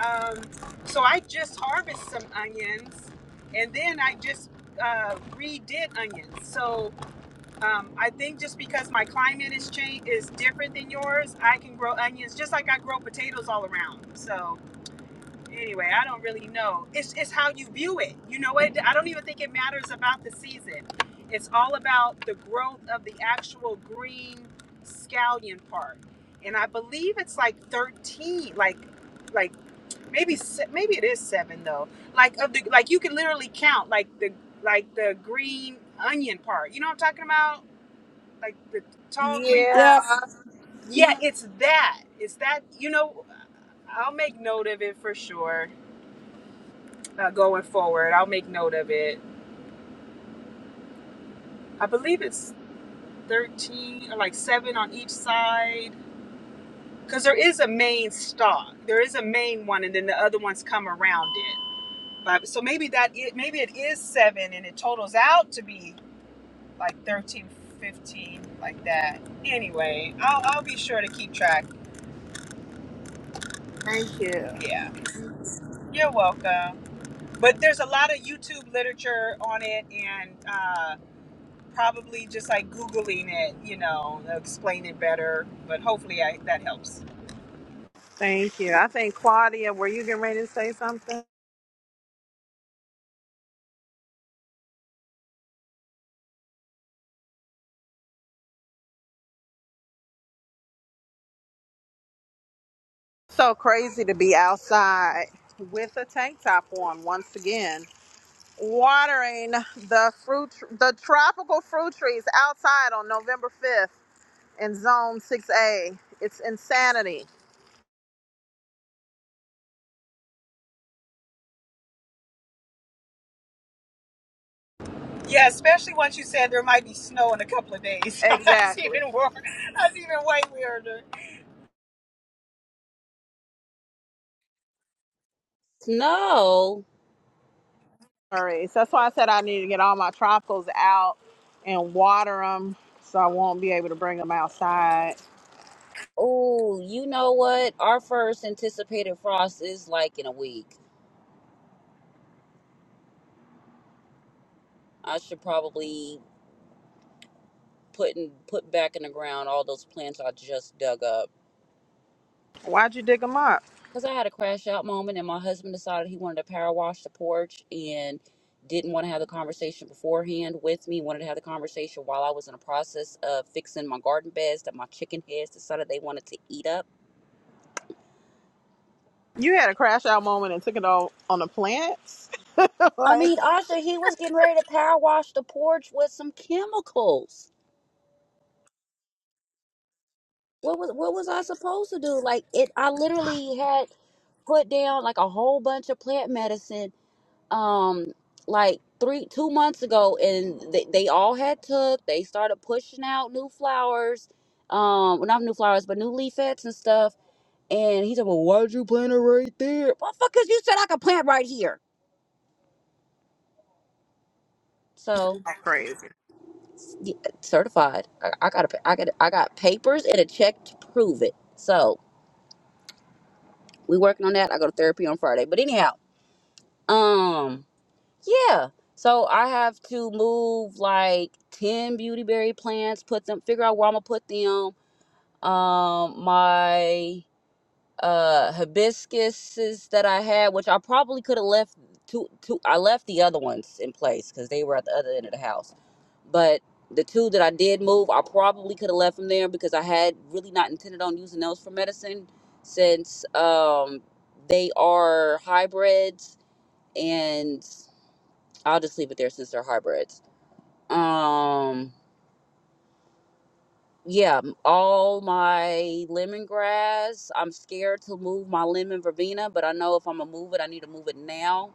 Speaker 4: um, so I just harvested some onions, and then I just uh, redid onions. So um, I think just because my climate is change is different than yours, I can grow onions just like I grow potatoes all around. So anyway, I don't really know. It's it's how you view it. You know what? I don't even think it matters about the season. It's all about the growth of the actual green scallion part. And I believe it's like 13, like like maybe se- maybe it is 7 though. Like of the like you can literally count like the like the green onion part. You know what I'm talking about? Like the tall green
Speaker 1: Yeah.
Speaker 6: Yeah,
Speaker 4: onion. Yeah, it's that. It's that, you know, I'll make note of it for sure uh, going forward. I'll make note of it. I believe it's 13 or like seven on each side because there is a main stalk. There is a main one, and then the other ones come around it. But, so maybe that it, maybe it is seven, and it totals out to be like 13, 15, like that. Anyway, I'll, I'll be sure to keep track.
Speaker 1: Thank you.
Speaker 4: Yeah, you're welcome. But there's a lot of YouTube literature on it, and uh, probably just like googling it you know they'll explain it better but hopefully I, that helps
Speaker 1: Thank you. I think Claudia, were you getting ready to say something? So crazy to be outside with a tank top on once again, watering the fruit, the tropical fruit trees outside on November 5th. in Zone 6A. It's insanity.
Speaker 4: yeah especially once you said there might be snow in a couple of days (laughs) that's
Speaker 1: Exactly.
Speaker 4: even worse that's even way weirder
Speaker 5: Snow.
Speaker 1: All right, So that's why I said I need to get all my tropicals out and water them so I won't be able to bring them outside.
Speaker 5: Oh, you know what? Our first anticipated frost is like in a week. I should probably put in, put back in the ground all those plants I just dug up.
Speaker 1: Why'd you dig them up?
Speaker 5: Cause I had a crash out moment, and my husband decided he wanted to power wash the porch and didn't want to have the conversation beforehand with me. Wanted to have the conversation while I was in the process of fixing my garden beds that my chicken heads decided they wanted to eat up.
Speaker 1: You had a crash out moment and took it all on the plants? (laughs) like,
Speaker 5: I mean, Asha, he was getting ready to power wash the porch with some chemicals. what was what was I supposed to do? Like it I literally had put down like a whole bunch of plant medicine um like three two months ago and they, they all had took. They started pushing out new flowers. Um well not new flowers but new leaflets and stuff. And he said, Well why'd you plant it right there? Well because you said I could plant right here. So
Speaker 1: crazy.
Speaker 5: yeah, certified. I, I got a, I got I got papers and a check to prove it. So we working on that. I go to therapy on Friday. But anyhow, um Yeah. So I have to move like 10 beautyberry plants, put them, figure out where I'm gonna put them. Um, my uh hibiscuses that I had, which I probably could have left two two I left the other ones in place because they were at the other end of the house. But the two that I did move, I probably could have left them there because I had really not intended on using those for medicine since um they are hybrids and I'll just leave it there since they're hybrids. Um, yeah, all my lemongrass. I'm scared to move my lemon verbena, but I know if I'm gonna move it, I need to move it now.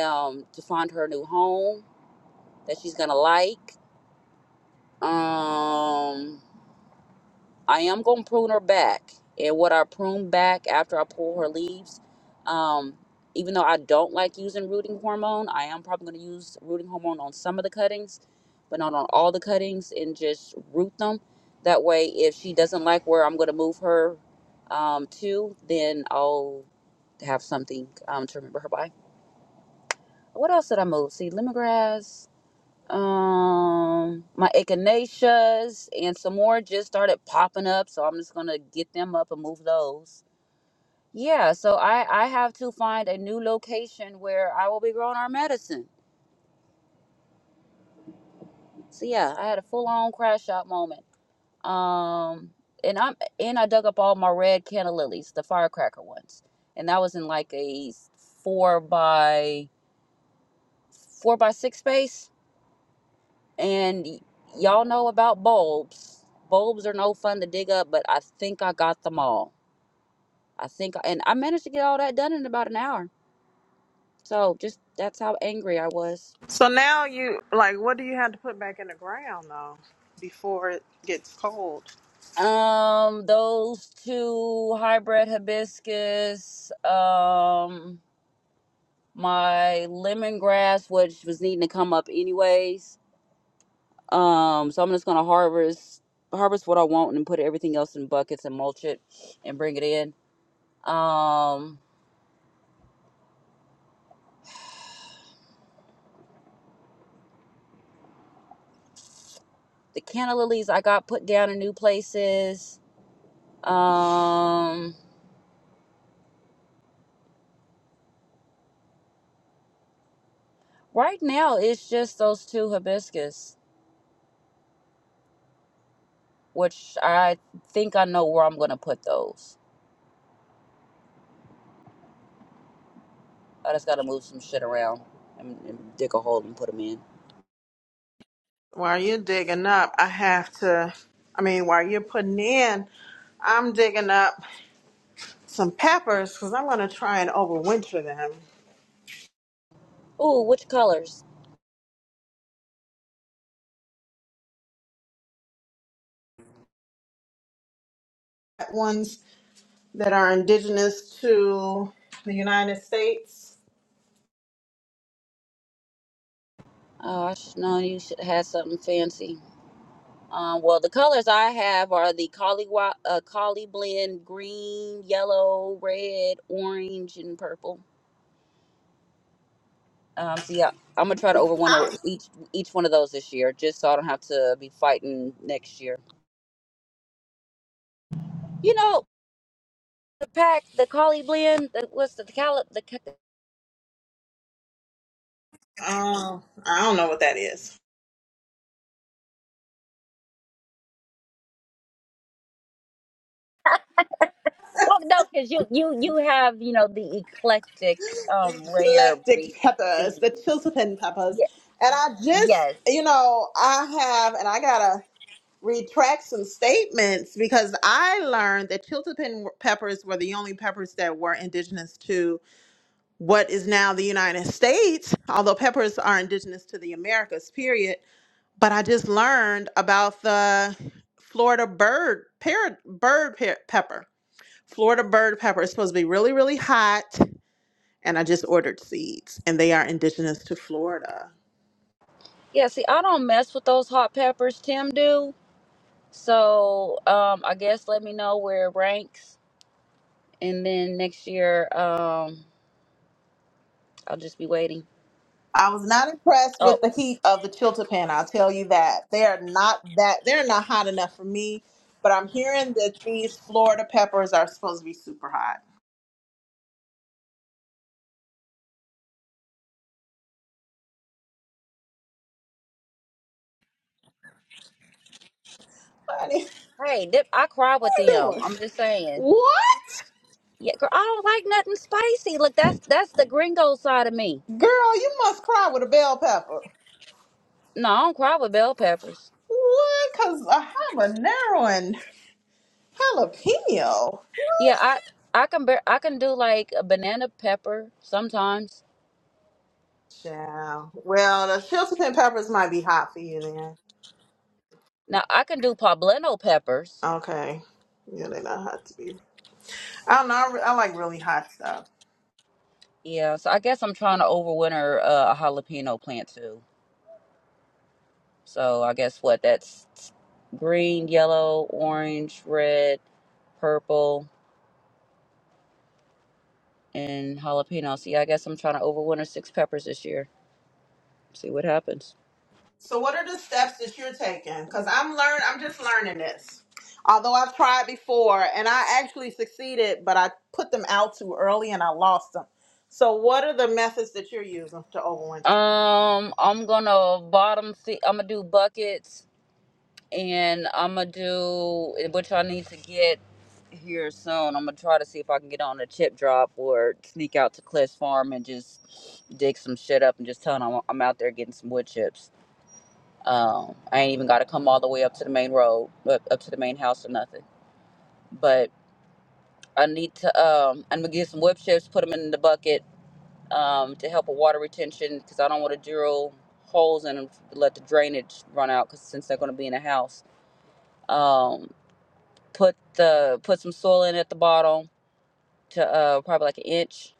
Speaker 5: Um, to find her a new home that she's gonna like. Um, I am gonna prune her back, and what I prune back after I pull her leaves, um, even though I don't like using rooting hormone, I am probably gonna use rooting hormone on some of the cuttings, but not on all the cuttings, and just root them. That way, if she doesn't like where I'm gonna move her um, to, then I'll have something um, to remember her by. What else did I move? See, lemongrass um my echinaceas and some more just started popping up so i'm just gonna get them up and move those yeah so i i have to find a new location where i will be growing our medicine so yeah i had a full-on crash out moment um and i'm and i dug up all my red canna lilies the firecracker ones and that was in like a four by four by six space And y- y'all know about bulbs. Bulbs are no fun to dig up, but I think I got them all. I think, and I managed to get all that done in about an hour. So just that's how angry I was.
Speaker 1: So now you, like, what do you have to put back in the ground though before it gets cold?
Speaker 5: Um, those two hybrid hibiscus, um, my lemongrass, which was needing to come up anyways. Um, so I'm just gonna harvest harvest what I want and put everything else in buckets and mulch it and bring it in. Um, the canna lilies I got put down in new places. Um, right now it's just those two hibiscus, which I think I know where I'm gonna put those. I just gotta move some shit around and, and dig a hole and put them in.
Speaker 1: While you're digging up, I have to, I mean, while you're putting in, I'm digging up some peppers because I'm going to try and overwinter them.
Speaker 5: Ooh, which colors?
Speaker 1: Ones that are indigenous to the United States.
Speaker 5: Oh, I should know. You should have something fancy. Um, well, the colors I have are the collie uh, collie blend green, yellow, red, orange, and purple. Um, so yeah, I'm gonna try to overwinter
Speaker 1: I
Speaker 5: each each one of those this year, just so I don't have to be fighting next year. You know, the pack, the collie blend, the, what's the, the cali the ca-
Speaker 1: don't, uh, I don't know what that is.
Speaker 5: well, no, because you you you have you know the eclectic, um, rare
Speaker 1: Eclectic
Speaker 5: breed
Speaker 1: peppers,
Speaker 5: seeds.
Speaker 1: the Chiltepin peppers.
Speaker 5: Yeah,
Speaker 1: And I just,
Speaker 5: yes,
Speaker 1: you know, I have, and I got to retract some statements because I learned that Chiltepin peppers were the only peppers that were indigenous to what is now the United States, although peppers are indigenous to the Americas, period but I just learned about the Florida bird parrot bird pe- pepper. Florida bird pepper is supposed to be really really hot, and I just ordered seeds, and they are indigenous to Florida.
Speaker 5: yeah. See, I don't mess with those hot peppers. Tim do. So um, I guess let me know where it ranks, and then next year um, I'll just be waiting.
Speaker 1: I was not impressed
Speaker 5: Oh,
Speaker 1: with the heat of the chiltepin. I'll tell you that they are not that they're not hot enough for me. But I'm hearing that these Florida peppers are supposed to be super hot. Honey,
Speaker 5: Hey, th- I cry
Speaker 1: (laughs)
Speaker 5: with
Speaker 1: what are you (laughs)
Speaker 5: them.
Speaker 1: doing?
Speaker 5: I'm just saying.
Speaker 1: What
Speaker 5: Yeah, girl, I don't like nothing spicy. Look, that's that's the gringo side of me.
Speaker 1: girl? You must cry with a bell pepper.
Speaker 5: No, I don't cry with bell peppers.
Speaker 1: What? Cause a habanero and Jalapeno.
Speaker 5: Yeah, I I can bear, I can do like a banana pepper sometimes.
Speaker 1: Child. Well, the chili and peppers might be hot for you then.
Speaker 5: Now I can do poblano peppers.
Speaker 1: Okay. Yeah, they're not hot to me. I don't know. I, re- I like really hot stuff.
Speaker 5: Yeah, so I guess I'm trying to overwinter uh, a jalapeno plant too. So I guess what that's green, yellow, orange, red, purple, and jalapeno. See, I guess I'm trying to overwinter six peppers this year. See what happens.
Speaker 1: So, what are the steps that you're taking? Because I'm learn. I'm just learning this. Although I've tried before and I actually succeeded, but I put them out too early and I lost them. So, what are the methods that you're using to overwinter?
Speaker 5: Um, I'm gonna bottom see. I'm gonna do buckets, and I'm gonna do which I need to get here soon. I'm gonna try to see if I can get on a chip drop or sneak out to Cliff's farm and just dig some shit up and just tell them I'm, I'm out there getting some wood chips. Um, I ain't even gotta come all the way up to the main road, up, up to the main house or nothing. But I need to. Um, I'm gonna get some wood chips, put them in the bucket, um, to help with water retention because I don't want to drill holes in 'em to let the drainage run out because since they're going to be in a house, um, put the put some soil in at the bottom to uh, probably like an inch,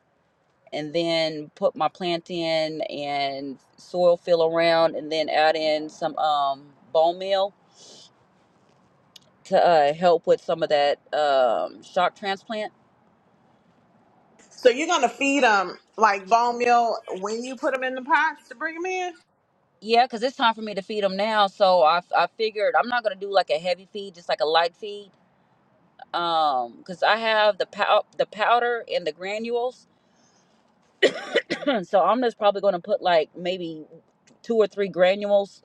Speaker 5: and then put my plant in and soil fill around, and then add in some um, bone meal to uh, help with some of that um, shock transplant.
Speaker 1: So, you're gonna feed them like bone meal when you put them in the pots to bring them in.
Speaker 5: Yeah, because it's time for me to feed them now. So I, I figured I'm not going to do like a heavy feed, just like a light feed um because i have the pow- the powder and the granules (clears throat) so i'm just probably going to put like maybe two or three granules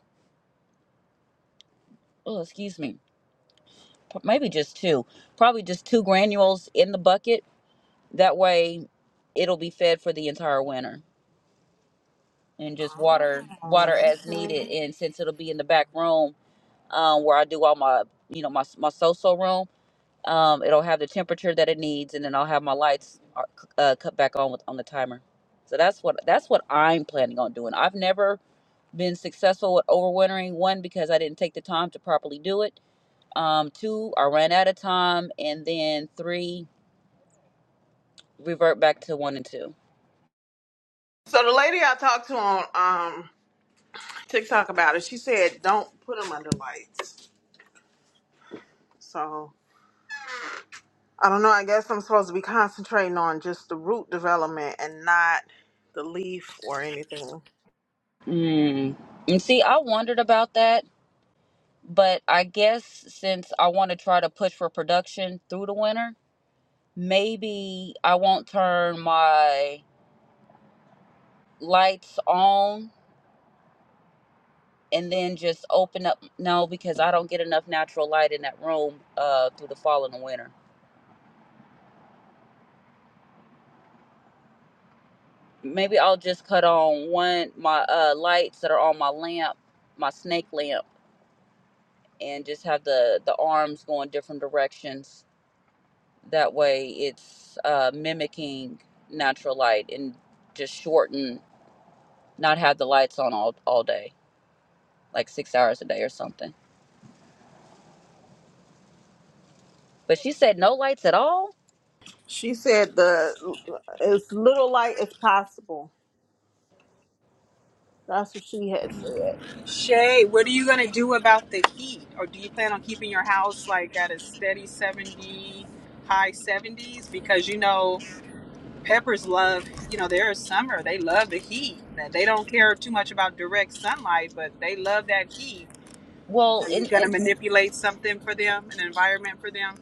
Speaker 5: oh excuse me p- maybe just two probably just two granules in the bucket that way it'll be fed for the entire winter and just water
Speaker 1: Oh,
Speaker 5: water as
Speaker 1: okay.
Speaker 5: needed and since it'll be in the back room um where i do all my you know my my so-so room Um, it'll have the temperature that it needs, and then I'll have my lights uh, c- uh, cut back on with on the timer. So that's what that's what I'm planning on doing. I've never been successful with overwintering. One, because I didn't take the time to properly do it. Um, two, I ran out of time, and then three, revert back to one and two.
Speaker 1: So the lady I talked to on um TikTok about it, she said don't put them under lights. So I don't know. I guess I'm supposed to be concentrating on just the root development and not the leaf or anything.
Speaker 5: Mm. And see, I wondered about that, but I guess since I want to try to push for production through the winter, maybe I won't turn my lights on and then just open up no because i don't get enough natural light in that room uh through the fall and the winter maybe i'll just cut on one my uh lights that are on my lamp my snake lamp and just have the the arms going different directions that way it's uh mimicking natural light and just shorten not have the lights on all all day like six hours a day or something but she said no lights at all
Speaker 1: She said the as little light as possible. That's what she had said.
Speaker 4: shay what are you going to do about the heat or do you plan on keeping your house like at a steady 70 high 70s because you know peppers love you know they're a summer they love the heat they don't care too much about direct sunlight but they love that heat
Speaker 5: well
Speaker 4: Are
Speaker 5: and,
Speaker 4: you
Speaker 5: and
Speaker 4: gonna manipulate something for them, an environment for them?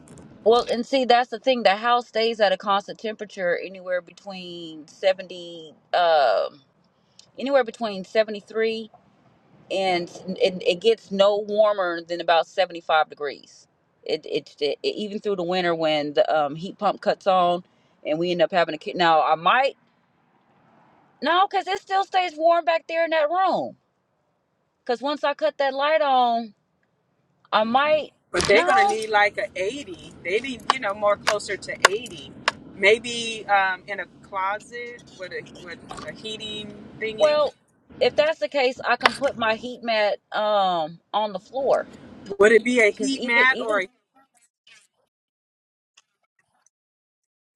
Speaker 5: Well, and see, that's the thing. The house stays at a constant temperature anywhere between 70, um, anywhere between 73 and it, it gets no warmer than about 75 degrees. It, it, it even through the winter when the um, heat pump cuts on and we end up having a kid. Now, I might, no, because it still stays warm back there in that room. Because once I cut that light on, I might,
Speaker 4: But they're
Speaker 5: no,
Speaker 4: gonna need like a eighty. They need you know more closer to eighty, maybe um, in a closet with a with a heating thingy.
Speaker 5: well, if that's the case, I can put my heat mat um, on the floor
Speaker 4: Would it be a
Speaker 5: because
Speaker 4: heat
Speaker 5: even
Speaker 4: mat
Speaker 5: even
Speaker 4: or a,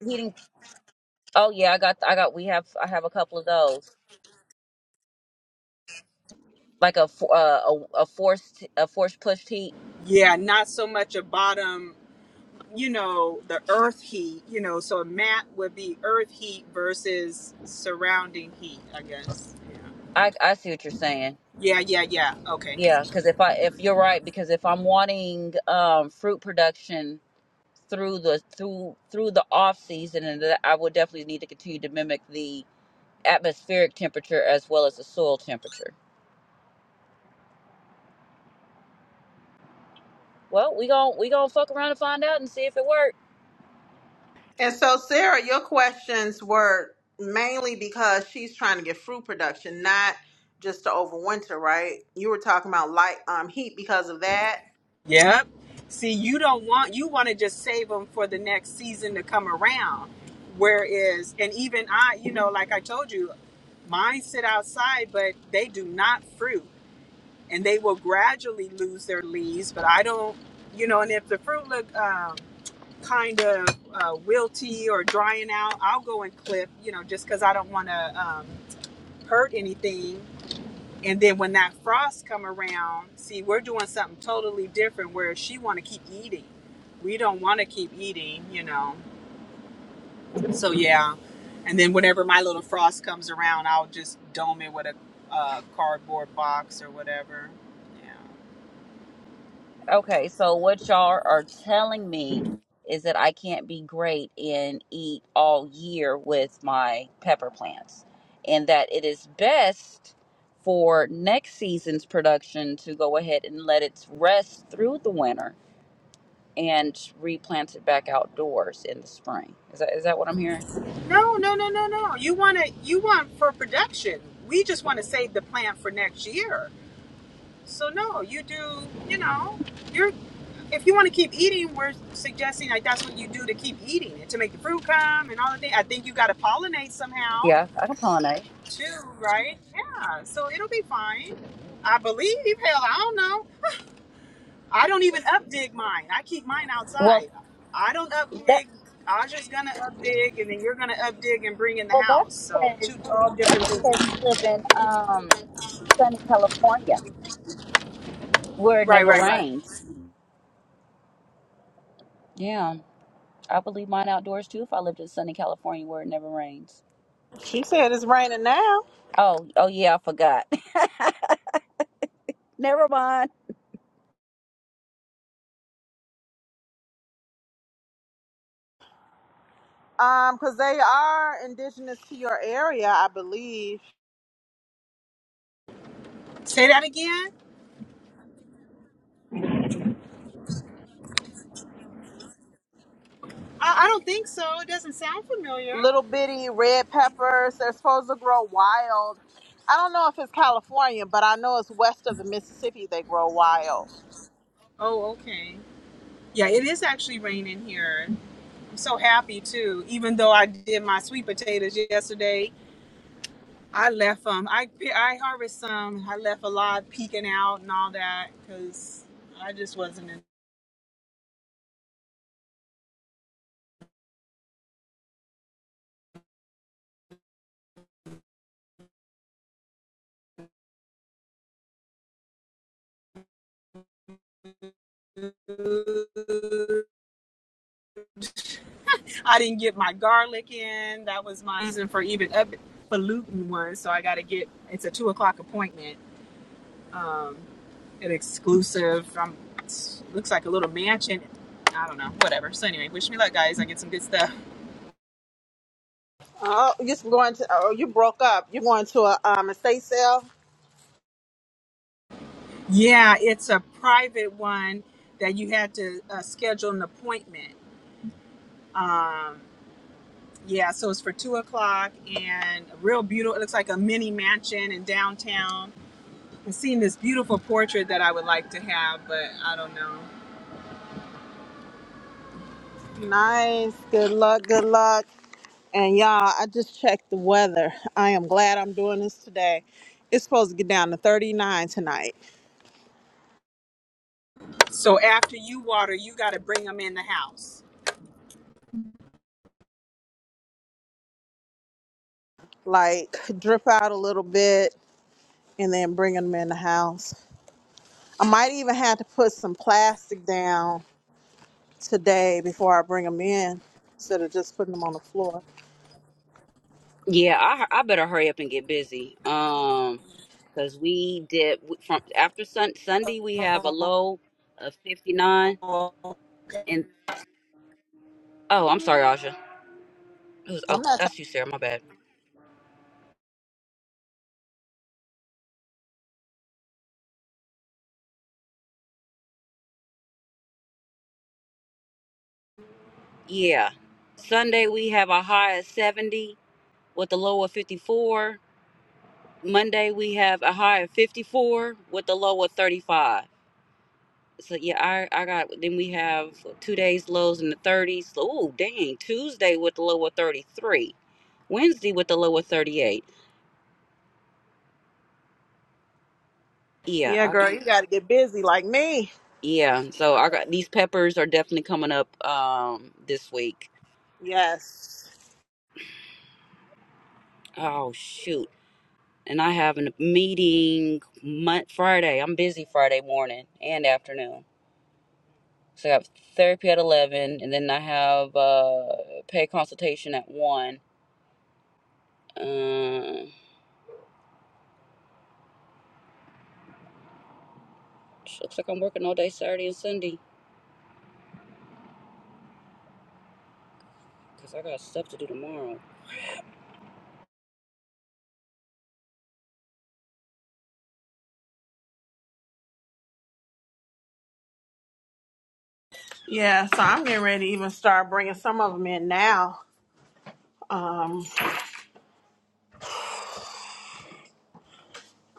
Speaker 5: heating. Oh yeah, I got I got we have I have a couple of those like a fo- uh, a, a forced a forced pushed heat.
Speaker 4: yeah, not so much a bottom. You know the earth heat. You know, so a mat would be earth heat versus surrounding heat. I guess.
Speaker 5: I I see what you're saying.
Speaker 4: Yeah, yeah, yeah. Okay.
Speaker 5: Yeah, because if I if you're right, because if I'm wanting um fruit production through the through through the off season, and that I would definitely need to continue to mimic the atmospheric temperature as well as the soil temperature. Well, we gon' we gonna fuck around and find out and see if it works.
Speaker 1: And so Sarah, your questions were mainly because she's trying to get fruit production, not just to overwinter, right? You were talking about light um heat because of that.
Speaker 4: Yep. See, you don't want you want to just save them for the next season to come around. Whereas, and even I, you know, like I told you, mine sit outside, but they do not fruit, and they will gradually lose their leaves. But I don't, you know, and if the fruit look um, kind of uh, wilty or drying out, I'll go and clip, you know, just because I don't want to um, hurt anything. And then when that frost come around, see, we're doing something totally different. Where she want to keep eating we don't want to keep eating, you know. So yeah, and then whenever my little frost comes around, I'll just dome it with a uh, cardboard box or whatever. Yeah.
Speaker 5: Okay, so what y'all are telling me is that I can't be great and eat all year with my pepper plants, and that it is best for next season's production to go ahead and let it rest through the winter and replant it back outdoors in the spring. Is that is that what I'm hearing?
Speaker 4: No, no, no, no, no. You want to you want for production. We just want to save the plant for next year. So no, you do. You know, you're if you want to keep eating, we're suggesting like that's what you do to keep eating it to make the fruit come and all the thing. I think you got to pollinate somehow
Speaker 5: Yeah, I can pollinate.
Speaker 4: Two, right? Yeah. So it'll be fine. I believe. Hell, I don't know. I don't even up dig mine. I keep mine
Speaker 5: Well,
Speaker 4: outside. I don't up
Speaker 5: that
Speaker 4: dig. I just gonna up dig, and then you're gonna up dig and bring in the
Speaker 5: well that's
Speaker 4: house. So
Speaker 5: because
Speaker 4: two all
Speaker 5: that's
Speaker 4: different things.
Speaker 5: because you live in um sunny California where it
Speaker 4: Right,
Speaker 5: never
Speaker 4: right, right.
Speaker 5: rains. Yeah, I would leave mine outdoors too if I lived in sunny California where it never rains.
Speaker 1: She said it's raining now.
Speaker 5: Oh, oh yeah, I forgot. (laughs) never mind.
Speaker 1: Um, cause they are indigenous to your area, I believe.
Speaker 4: Say that again. I, I don't think so. It doesn't sound familiar.
Speaker 1: Little bitty red peppers. They're supposed to grow wild. I don't know if it's California, but I know it's west of the Mississippi. They grow wild.
Speaker 4: Oh, okay. Yeah, it is actually raining here. I'm so happy too. Even though I did my sweet potatoes yesterday I left um I pe- I harvest some. I left a lot peeking out and all that because I just wasn't. In, I didn't get my garlic in. That was my reason for even up for looting one. So I got to get. It's a two o'clock appointment. Um, an exclusive. from looks like a little mansion. I don't know. Whatever. So anyway, wish me luck, guys. I get some good stuff.
Speaker 1: Oh, you're going to? Oh, you broke up. You're going to a um estate sale.
Speaker 4: Yeah, it's a private one that you had to uh, schedule an appointment. Um, Yeah, so it's for two o'clock and a real beautiful. It looks like a mini mansion in downtown. I'm seeing this beautiful portrait that I would like to have, but I don't know.
Speaker 1: Nice. Good luck. Good luck. And y'all, I just checked the weather. I am glad I'm doing this today. It's supposed to get down to 39 tonight.
Speaker 4: So after you water, you got to bring them in the house.
Speaker 1: Like drip out a little bit and then bring them in the house. I might even have to put some plastic down today before I bring them in instead of just putting them on the floor.
Speaker 5: Yeah, I I better hurry up and get busy. Um, because we did from after sun, Sunday we have a low of fifty nine, and oh, I'm sorry, Aja. It was, oh,
Speaker 1: I'm not talking.
Speaker 5: that's you, Sarah. My bad. Yeah, Sunday we have a high of seventy with a low of fifty four. Monday we have a high of fifty four with a low of thirty five. so yeah, I I got then we have two days lows in the 30s. Oh, dang. Tuesday with the lower 33. Wednesday with the lower 38. Yeah,
Speaker 1: Yeah,
Speaker 5: I,
Speaker 1: girl, you got to get busy like me.
Speaker 5: yeah. So I got these peppers are definitely coming up um this week.
Speaker 1: Yes.
Speaker 5: Oh shoot. And I have a meeting mon Friday. I'm busy Friday morning and afternoon. So I have therapy at 11 and then I have uh pay consultation at 1. Uh, looks like I'm working all day Saturday and Sunday. Cause I got stuff to do tomorrow.
Speaker 1: Yeah, so I'm getting ready to even start bringing some of them in now um,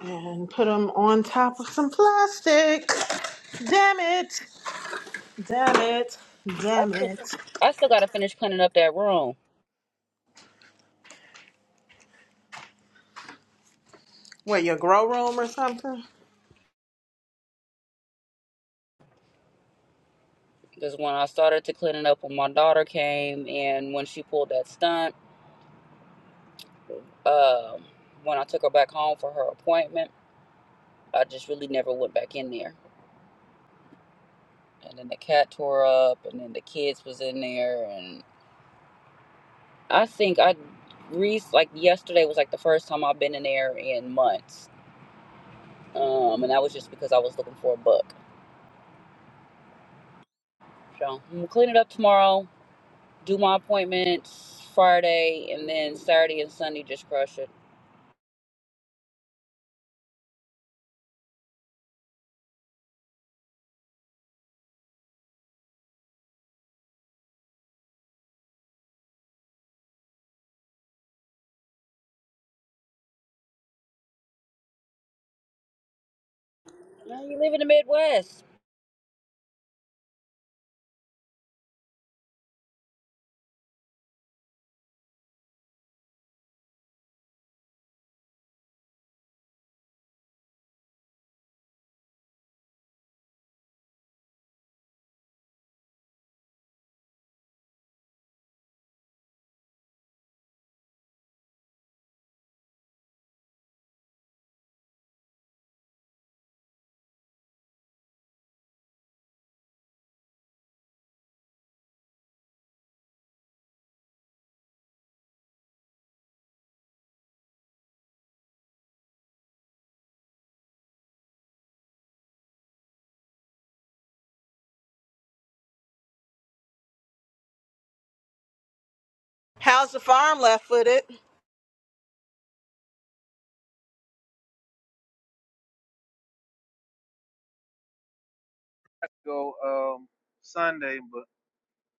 Speaker 1: and put them on top of some plastic. Damn it. Damn it.
Speaker 5: I
Speaker 1: Damn
Speaker 5: still,
Speaker 1: it.
Speaker 5: I still gotta finish cleaning up that room.
Speaker 1: What, your grow room or something?
Speaker 5: Cause when I started to clean it up when my daughter came and when she pulled that stunt, um, when I took her back home for her appointment, I just really never went back in there. And then the cat tore up and then the kids was in there and I think I re like yesterday was like the first time I've been in there in months. Um, and that was just because I was looking for a book. So I'm gonna clean it up tomorrow do my appointments Friday, and then Saturday and Sunday just crush it. Now you live in the Midwest.
Speaker 1: How's the farm left footed?
Speaker 7: Go um Sunday, but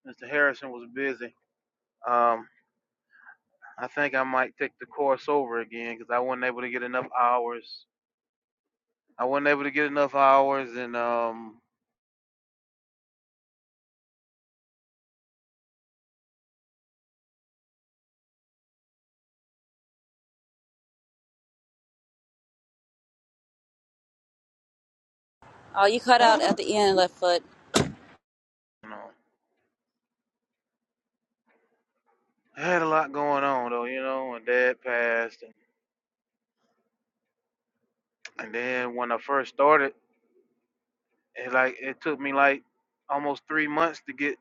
Speaker 7: Mr. Harrison was busy. Um, I think I might take the course over again because I wasn't able to get enough hours. I wasn't able to get enough hours, and um,
Speaker 5: Oh, you cut out at the (laughs) end, left foot.
Speaker 7: you know, I had a lot going on though, you know. And Dad passed, and, and then when I first started, it like it took me like almost three months to get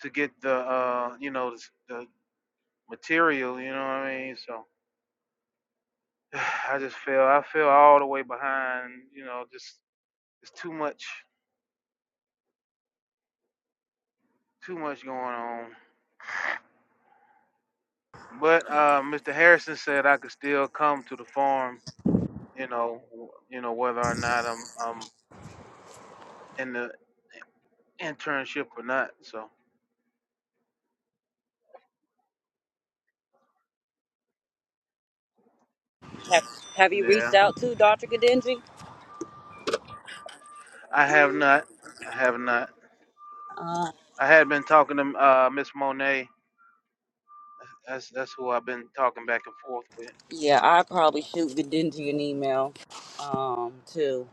Speaker 7: to get the uh, you know, the, the material, you know what I mean? So (sighs) I just feel I feel all the way behind, you know, just it's too much, too much going on. But uh, Mr. Harrison said I could still come to the farm, you know, w- you know whether or not I'm I'm in the internship or not. So
Speaker 5: Have, have you reached
Speaker 7: yeah,
Speaker 5: out to Dr. Gadenji?
Speaker 7: I have not. I have not.
Speaker 5: Uh,
Speaker 7: I had been talking to uh, Miss Monet. That's that's who I've been talking back and forth with.
Speaker 5: yeah, I probably shoot Gadenji an email, um, too.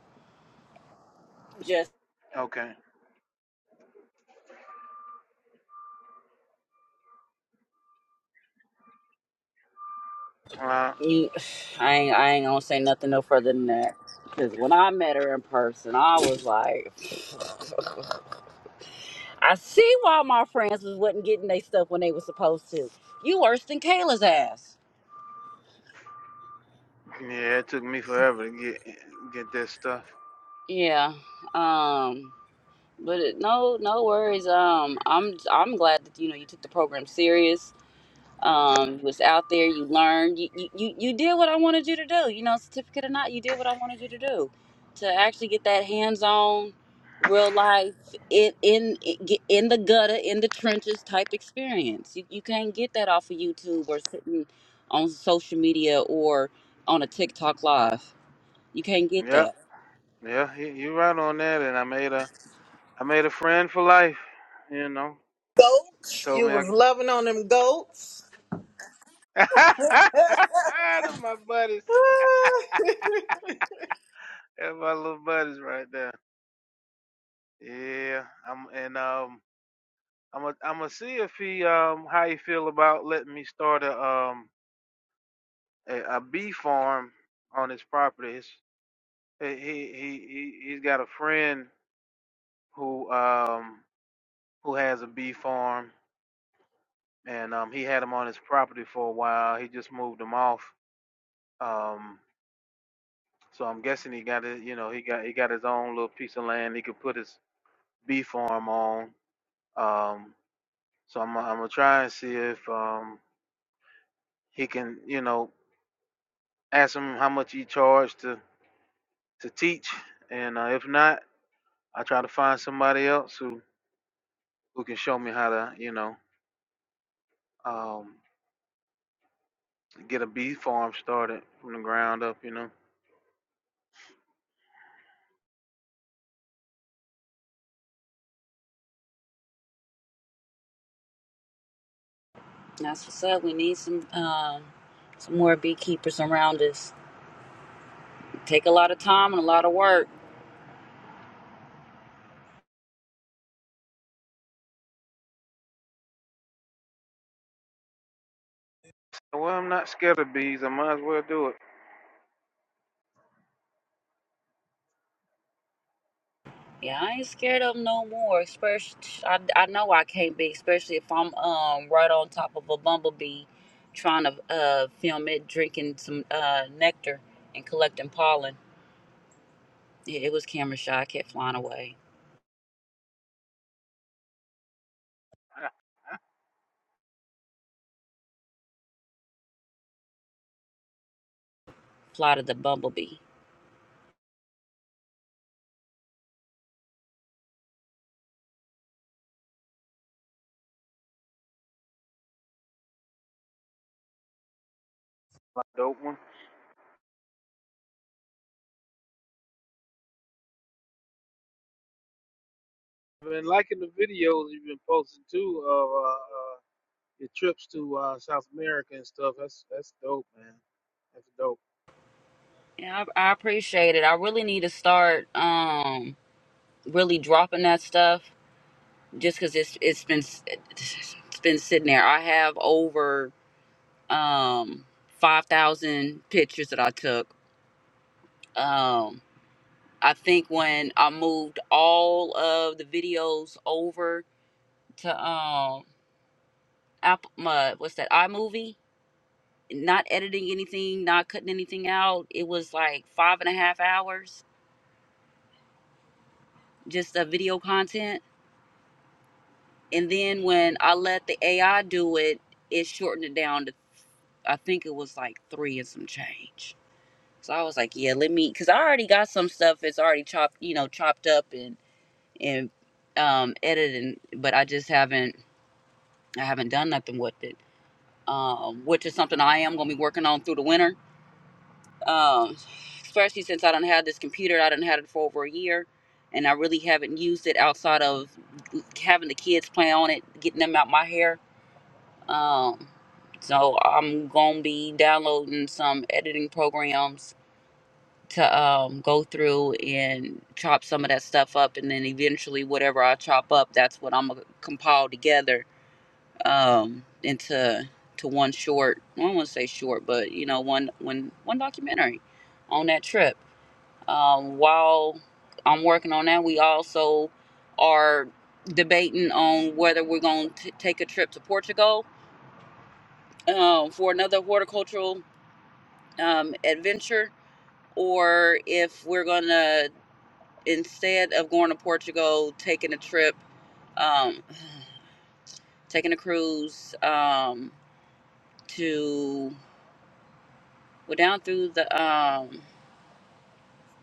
Speaker 5: Just
Speaker 7: Okay. Uh,
Speaker 5: you, (sighs) I ain't, I ain't gonna say nothing no further than that. Because when I met her in person, I was like, (sighs) (laughs) I see why my friends was wasn't getting their stuff when they was supposed to. You worse than Kayla's ass.
Speaker 7: yeah, it took me forever to get get this stuff.
Speaker 5: Yeah. Um, but it, no, no worries. Um, I'm I'm glad that you know you took the program serious. Um, you was out there, you learned, you, you you you did what I wanted you to do. You know, certificate or not, you did what I wanted you to do, to actually get that hands-on, real life in in get in the gutter, in the trenches type experience. You you can't get that off of YouTube or sitting on social media or on a TikTok live. You can't get
Speaker 7: Yep.
Speaker 5: that.
Speaker 7: Yeah, you you right on that. And I made a I made a friend for life. You know,
Speaker 1: goats.
Speaker 7: told
Speaker 1: You
Speaker 7: me I
Speaker 1: was loving on them goats. (laughs)
Speaker 7: (laughs) Them my buddies. Them my little buddies right there. Yeah. I'm and um I'm i am a I'm gonna see if he um how he feel about letting me start a um a, a bee farm on his property. His, he he he he- he's got a friend who um who has a bee farm and um he had him on his property for a while. He just moved him off. Um so I'm guessing he got it, you know, he got he got his own little piece of land he could put his bee farm on. Um, so I'm I'm gonna try and see if um he can, you know, ask him how much he charged to to teach, and uh, if not, I try to find somebody else who who can show me how to, you know, um, get a bee farm started from the ground up, you know.
Speaker 5: That's what's up. We need some um, some more beekeepers around us. Take a lot of time and a lot of work.
Speaker 7: Well, I'm not scared of bees. I might as well do it.
Speaker 5: Yeah, I ain't scared of 'em no more. Especially, I, I know I can't be, especially if I'm um right on top of a bumblebee, trying to uh film it drinking some uh nectar and collecting pollen. Yeah, it was camera shy. I kept flying away.
Speaker 7: (laughs)
Speaker 5: Fly to the bumblebee.
Speaker 7: That's a dope one. I've been liking the videos you've been posting too of uh, uh, your trips to uh, South America and stuff. That's that's dope, man. That's dope.
Speaker 5: Yeah, I, I appreciate it. I really need to start um really dropping that stuff just because it's it's been it's been sitting there. I have over um five thousand pictures that I took. Um, I think when I moved all of the videos over to um Apple, my, what's that iMovie? Not editing anything, not cutting anything out. It was like five and a half hours just of video content. And then when I let the AI do it, it shortened it down to I think it was like three and some change So I was like, yeah, let me, cause I already got some stuff. It's already chopped, you know, chopped up and and um, edited, but I just haven't, I haven't done nothing with it. Um, which is something I am gonna be working on through the winter. Um, especially since I don't have this computer, I didn't had it for over a year, and I really haven't used it outside of having the kids play on it, getting them out my hair. Um, so I'm gonna be downloading some editing programs to um, go through and chop some of that stuff up, and then eventually whatever I chop up, that's what I'm gonna compile together um, into to one short. I don't want to say short, but you know, one one one documentary on that trip. Um, while I'm working on that, we also are debating on whether we're going to take a trip to Portugal um, for another horticultural um, adventure, or if we're gonna instead of going to Portugal, taking a trip, um, (sighs) taking a cruise um, to well down through the um,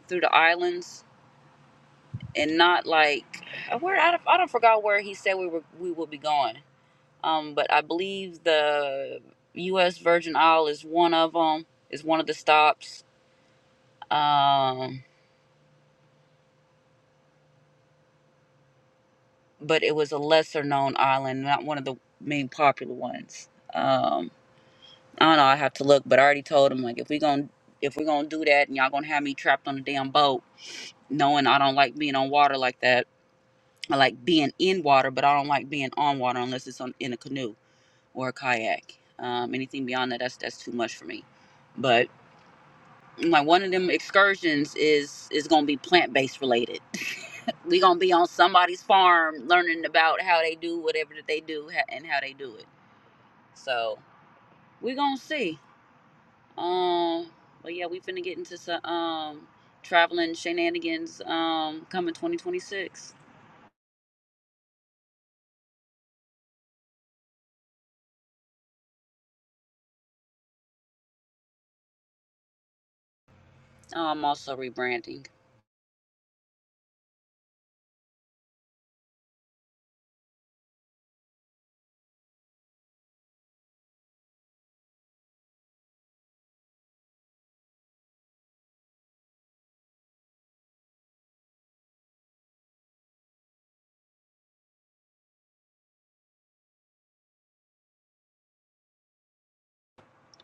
Speaker 5: through the islands and not like where I don't, I don't forgot where he said we were we will be going. Um, but I believe the U.S. Virgin Isle is one of them. Is one of the stops. Um, but it was a lesser known island, not one of the main popular ones. Um, I don't know. I have to look, but I already told him like if we gonna if we are gonna do that and y'all gonna have me trapped on a damn boat, knowing I don't like being on water like that. I like being in water, but I don't like being on water unless it's on, in a canoe or a kayak. Um, anything beyond that, that's that's too much for me. But like one of them excursions is is gonna be plant based related. (laughs) we gonna be on somebody's farm learning about how they do whatever that they do ha- and how they do it. So we gonna see. Um, but yeah, we finna get into some um traveling shenanigans um coming 2026. I'm also rebranding,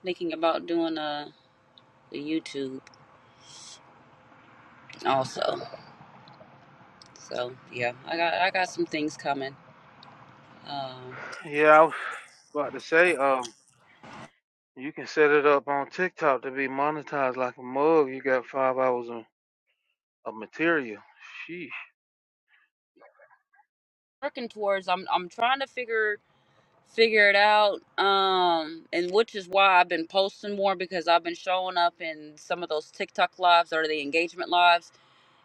Speaker 5: thinking about doing a, a YouTube also. So yeah, I got I got some things coming. Um,
Speaker 7: Yeah, I was about to say, um, you can set it up on TikTok to be monetized like a mug. You got five hours of, of material. Sheesh,
Speaker 5: working towards. I'm I'm trying to figure figure it out. Um, and which is why I've been posting more because I've been showing up in some of those TikTok lives or the engagement lives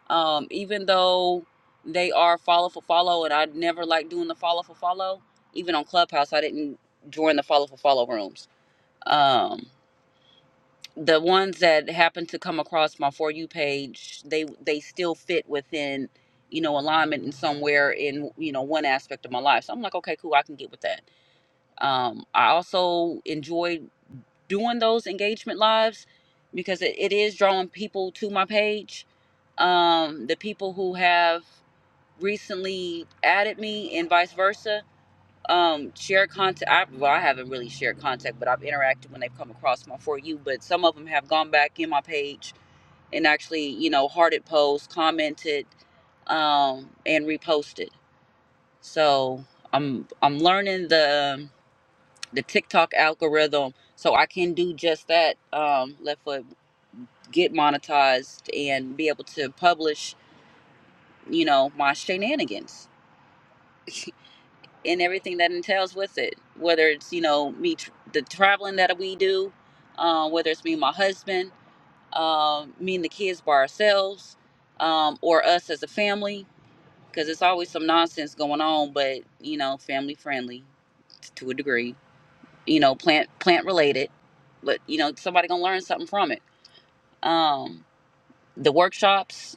Speaker 5: Um, even though they are follow for follow, and I never like doing the follow for follow. Even on Clubhouse, I didn't join the follow for follow rooms. Um, the ones that happen to come across my for you page, they they still fit within you know alignment in somewhere in you know one aspect of my life. So I'm like, okay, cool, I can get with that. Um, I also enjoy doing those engagement lives because it, it is drawing people to my page um, the people who have recently added me and vice versa um share contact I, well i haven't really shared contact but i've interacted when they've come across my for you but some of them have gone back in my page and actually you know hearted posts commented um and reposted so i'm i'm learning the the tiktok algorithm so i can do just that um left foot get monetized and be able to publish you know my shenanigans and everything that entails with it. Whether it's you know me tr- the traveling that we do, uh, whether it's me and my husband, uh, me and the kids by ourselves, um, or us as a family, because it's always some nonsense going on. But you know, family friendly to a degree. You know, plant plant related, but you know somebody gonna learn something from it. Um, the workshops,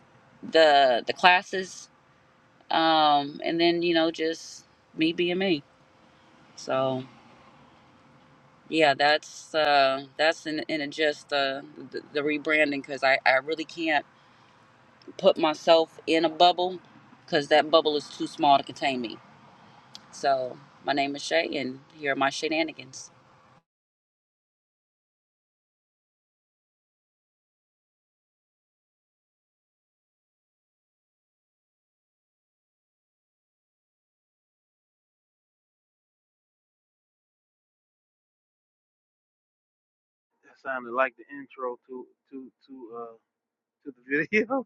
Speaker 5: the the classes, um, and then you know just me being me. So. Yeah, that's uh, that's in, in a just uh, the, the rebranding because I, I really can't put myself in a bubble because that bubble is too small to contain me. So my name is Shay, and here are my shenanigans.
Speaker 7: that sounded like the intro to to to uh to the video.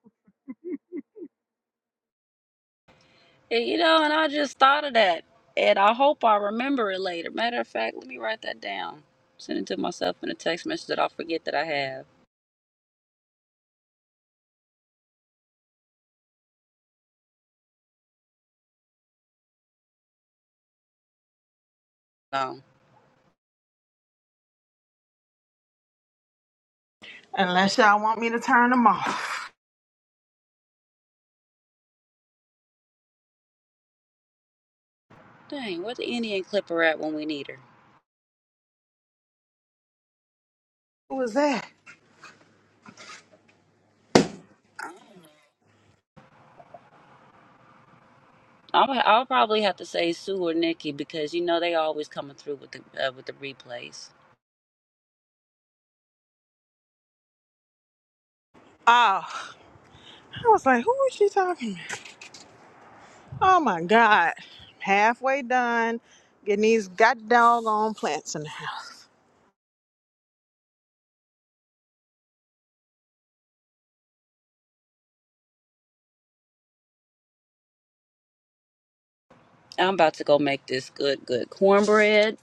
Speaker 5: And, you know, and I just thought of that, and I hope I remember it later. Matter of fact, let me write that down. Send it to myself in a text message that I'll forget that I have. Um,
Speaker 1: Unless y'all want me to turn them off.
Speaker 5: dang, where the Indian clipper at when we need her?
Speaker 1: Who was that?
Speaker 5: I'm, I'll probably have to say Sue or Nikki because you know they always coming through with the uh, with the replays.
Speaker 1: Oh, I was like, who is she talking about? Oh my God. Halfway done getting these god doggone plants in the house.
Speaker 5: I'm about to go make this good good cornbread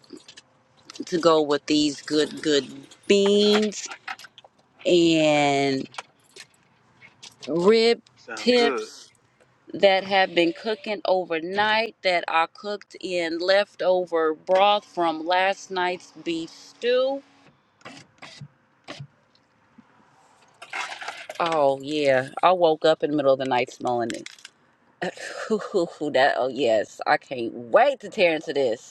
Speaker 5: to go with these good good beans and rib
Speaker 7: (laughs) Sound good.
Speaker 5: tips that have been cooking overnight that I cooked in leftover broth from last night's beef stew. Oh yeah, I woke up in the middle of the night smelling it. (laughs) that oh yes, I can't wait to tear into this.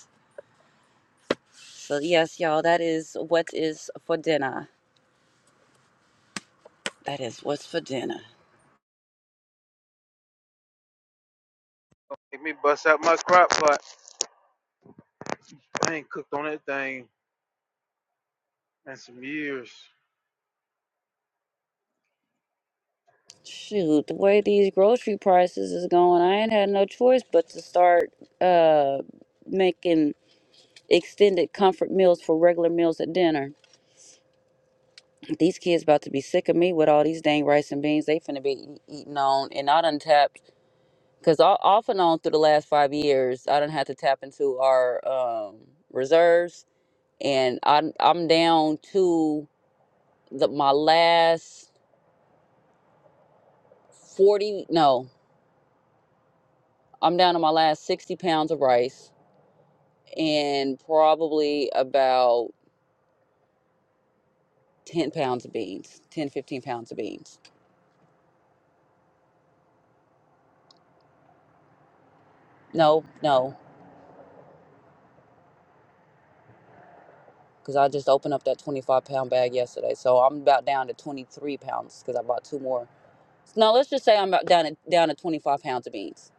Speaker 5: So yes, y'all, that is what is for dinner. That is what's for dinner.
Speaker 7: Let me bust out my crock pot. I ain't cooked on that thing in some years.
Speaker 5: Shoot, the way these grocery prices is going, I ain't had no choice but to start uh making extended comfort meals for regular meals at dinner. These kids about to be sick of me with all these dang rice and beans they finna be eat- eating on and not untapped. Cause o- off and on through the last five years, I done had to tap into our um, reserves, and I'm I'm down to the my last. 40 no i'm down to my last 60 pounds of rice and probably about 10 pounds of beans 10 15 pounds of beans no no because i just opened up that 25 pound bag yesterday so i'm about down to 23 pounds because i bought two more no let's just say i'm about down to, down to 25 pounds of beans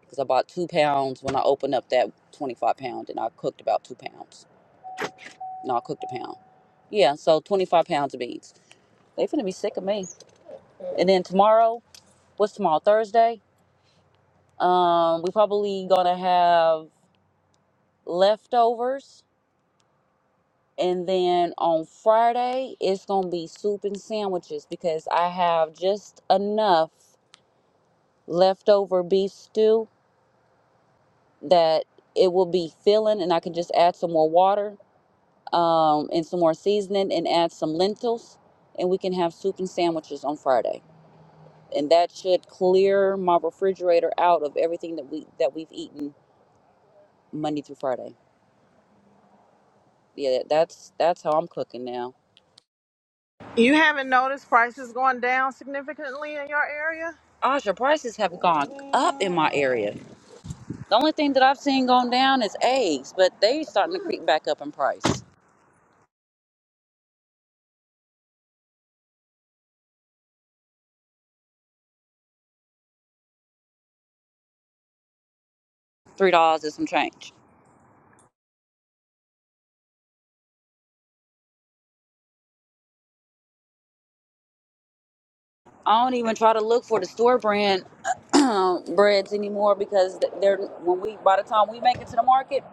Speaker 5: because i bought two pounds when i opened up that 25 pound and i cooked about two pounds no i cooked a pound yeah so 25 pounds of beans they finna be sick of me and then tomorrow what's tomorrow thursday um we probably gonna have leftovers and then on friday it's gonna be soup and sandwiches because i have just enough leftover beef stew that it will be filling and i can just add some more water um, and some more seasoning and add some lentils and we can have soup and sandwiches on friday and that should clear my refrigerator out of everything that we that we've eaten monday through friday Yeah, that's that's how I'm cooking now.
Speaker 1: You haven't noticed prices going down significantly in your area?
Speaker 5: Asha, prices have gone up in my area. The only thing that I've seen going down is eggs, but they starting to creep back up in price. Three dollars is some change. I don't even try to look for the store brand (clears throat) breads anymore because they're when we by the time we make it to the market.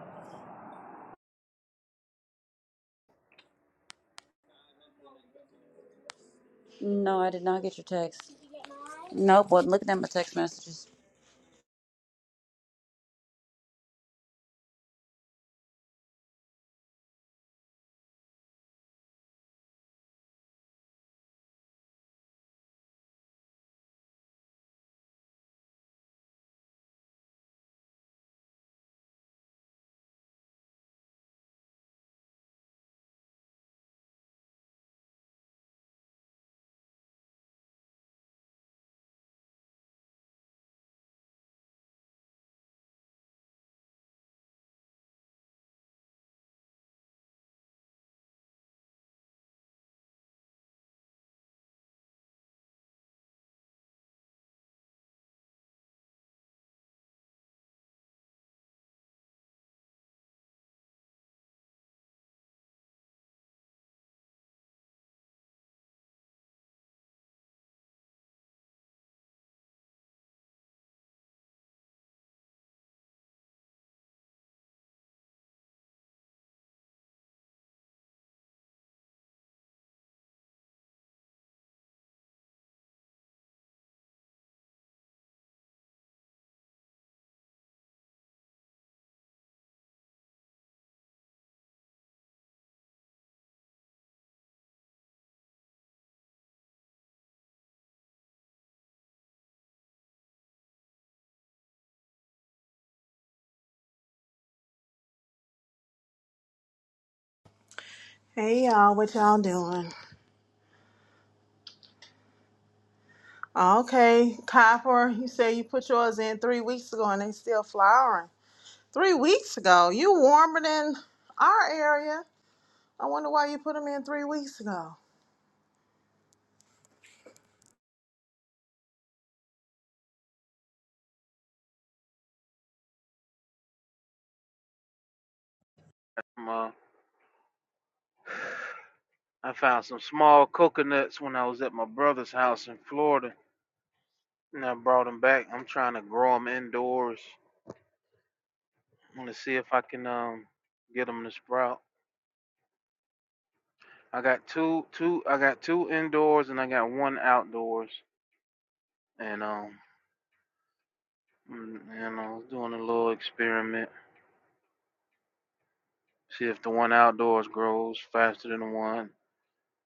Speaker 5: No, I did not get your text. Nope, wasn't looking at my text messages.
Speaker 1: Hey y'all, what y'all doing? Okay, copper, you say you put yours in three weeks ago and they still flowering. Three weeks ago. You warmer than our area. I wonder why you put them in three weeks ago.
Speaker 7: Um, uh, I found some small coconuts when I was at my brother's house in Florida, and I brought them back. I'm trying to grow them indoors. I'm gonna see if I can um get them to sprout. I got two two I got two indoors and I got one outdoors, and um mm, and I was doing a little experiment. See if the one outdoors grows faster than the one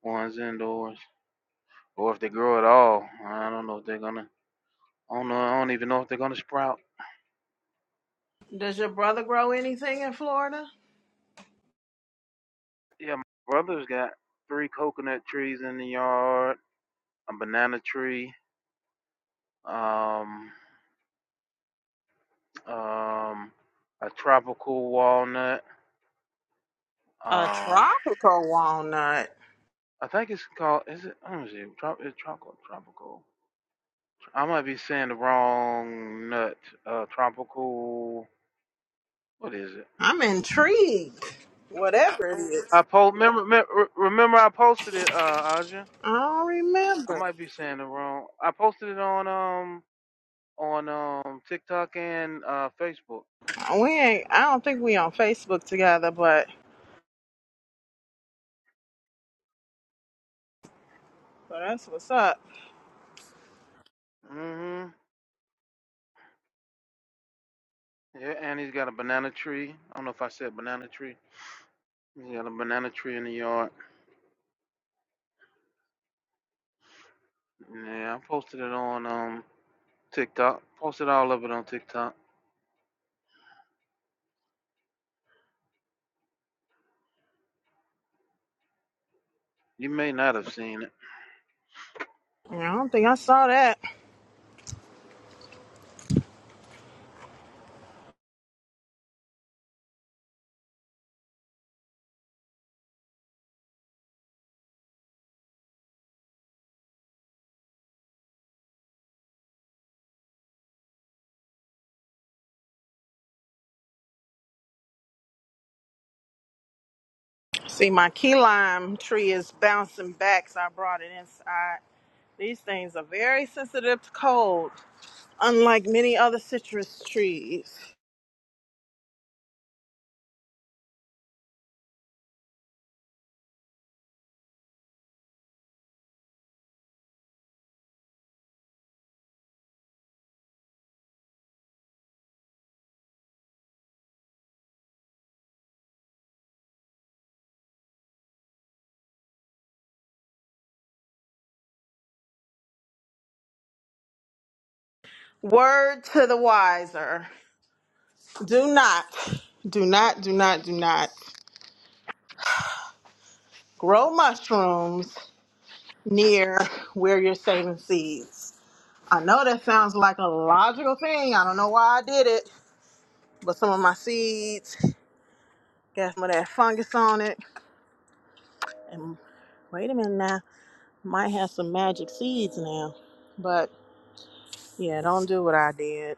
Speaker 7: ones indoors, or if they grow at all. I don't know if they're gonna. I don't know. I don't even know if they're gonna sprout.
Speaker 1: Does your brother grow anything in Florida?
Speaker 7: Yeah, my brother's got three coconut trees in the yard, a banana tree, um, um, a tropical walnut
Speaker 1: A
Speaker 7: Uh,
Speaker 1: tropical walnut.
Speaker 7: I think it's called. Is it? Let me see. Trop, it's tropical. Tropical. I might be saying the wrong nut. Uh, tropical. What is it?
Speaker 1: I'm intrigued. Whatever it
Speaker 7: I
Speaker 1: is.
Speaker 7: post. Remember, me- re- remember, I posted it. Uh, Aja.
Speaker 1: I don't
Speaker 7: I
Speaker 1: remember.
Speaker 7: might be saying the wrong. I posted it on um on um TikTok and uh Facebook.
Speaker 1: We ain't I don't think we on Facebook together, but but that's what's up.
Speaker 7: Mhm. Yeah, and he's got a banana tree. I don't know if I said banana tree. He's got a banana tree in the yard. Yeah, I posted it on um TikTok. Posted all of it on TikTok. You may not have seen it.
Speaker 1: And I don't think I saw that. See my key lime tree is bouncing back, so I brought it inside. These things are very sensitive to cold. unlike many other citrus trees. Word to the wiser do not, do not, do not, do not grow mushrooms near where you're saving seeds. I know that sounds like a logical thing. I don't know why I did it, but some of my seeds got some of that fungus on it. And wait a minute now, might have some magic seeds now. But yeah, don't do what I did.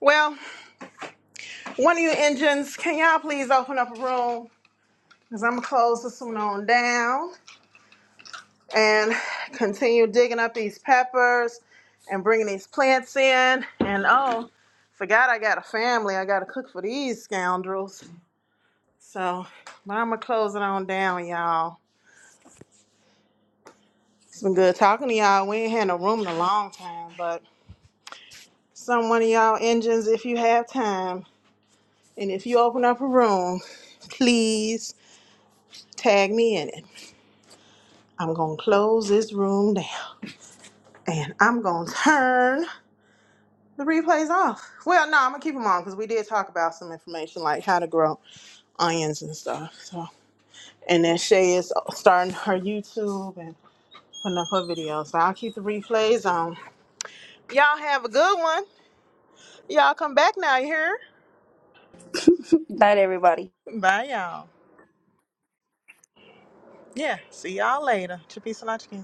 Speaker 1: Well, one of you engines, can y'all please open up a room? Cause I'm gonna close this one on down and continue digging up these peppers and bringing these plants in. And oh, forgot I got a family. I gotta cook for these scoundrels. So, but I'm gonna close it on down, y'all. It's been good talking to y'all. We ain't had no room in a long time, but some one of y'all engines, if you have time, and if you open up a room, please tag me in it. I'm gonna close this room down, and I'm gonna turn. The replay's off. Well, no, I'm gonna keep them on because we did talk about some information like how to grow onions and stuff. So, and then Shay is starting her YouTube and putting up her videos. So I'll keep the replays on. Y'all have a good one. Y'all come back now. You hear?
Speaker 5: Night, everybody.
Speaker 1: Bye, y'all. Yeah. See y'all later. Chippy Salachkin.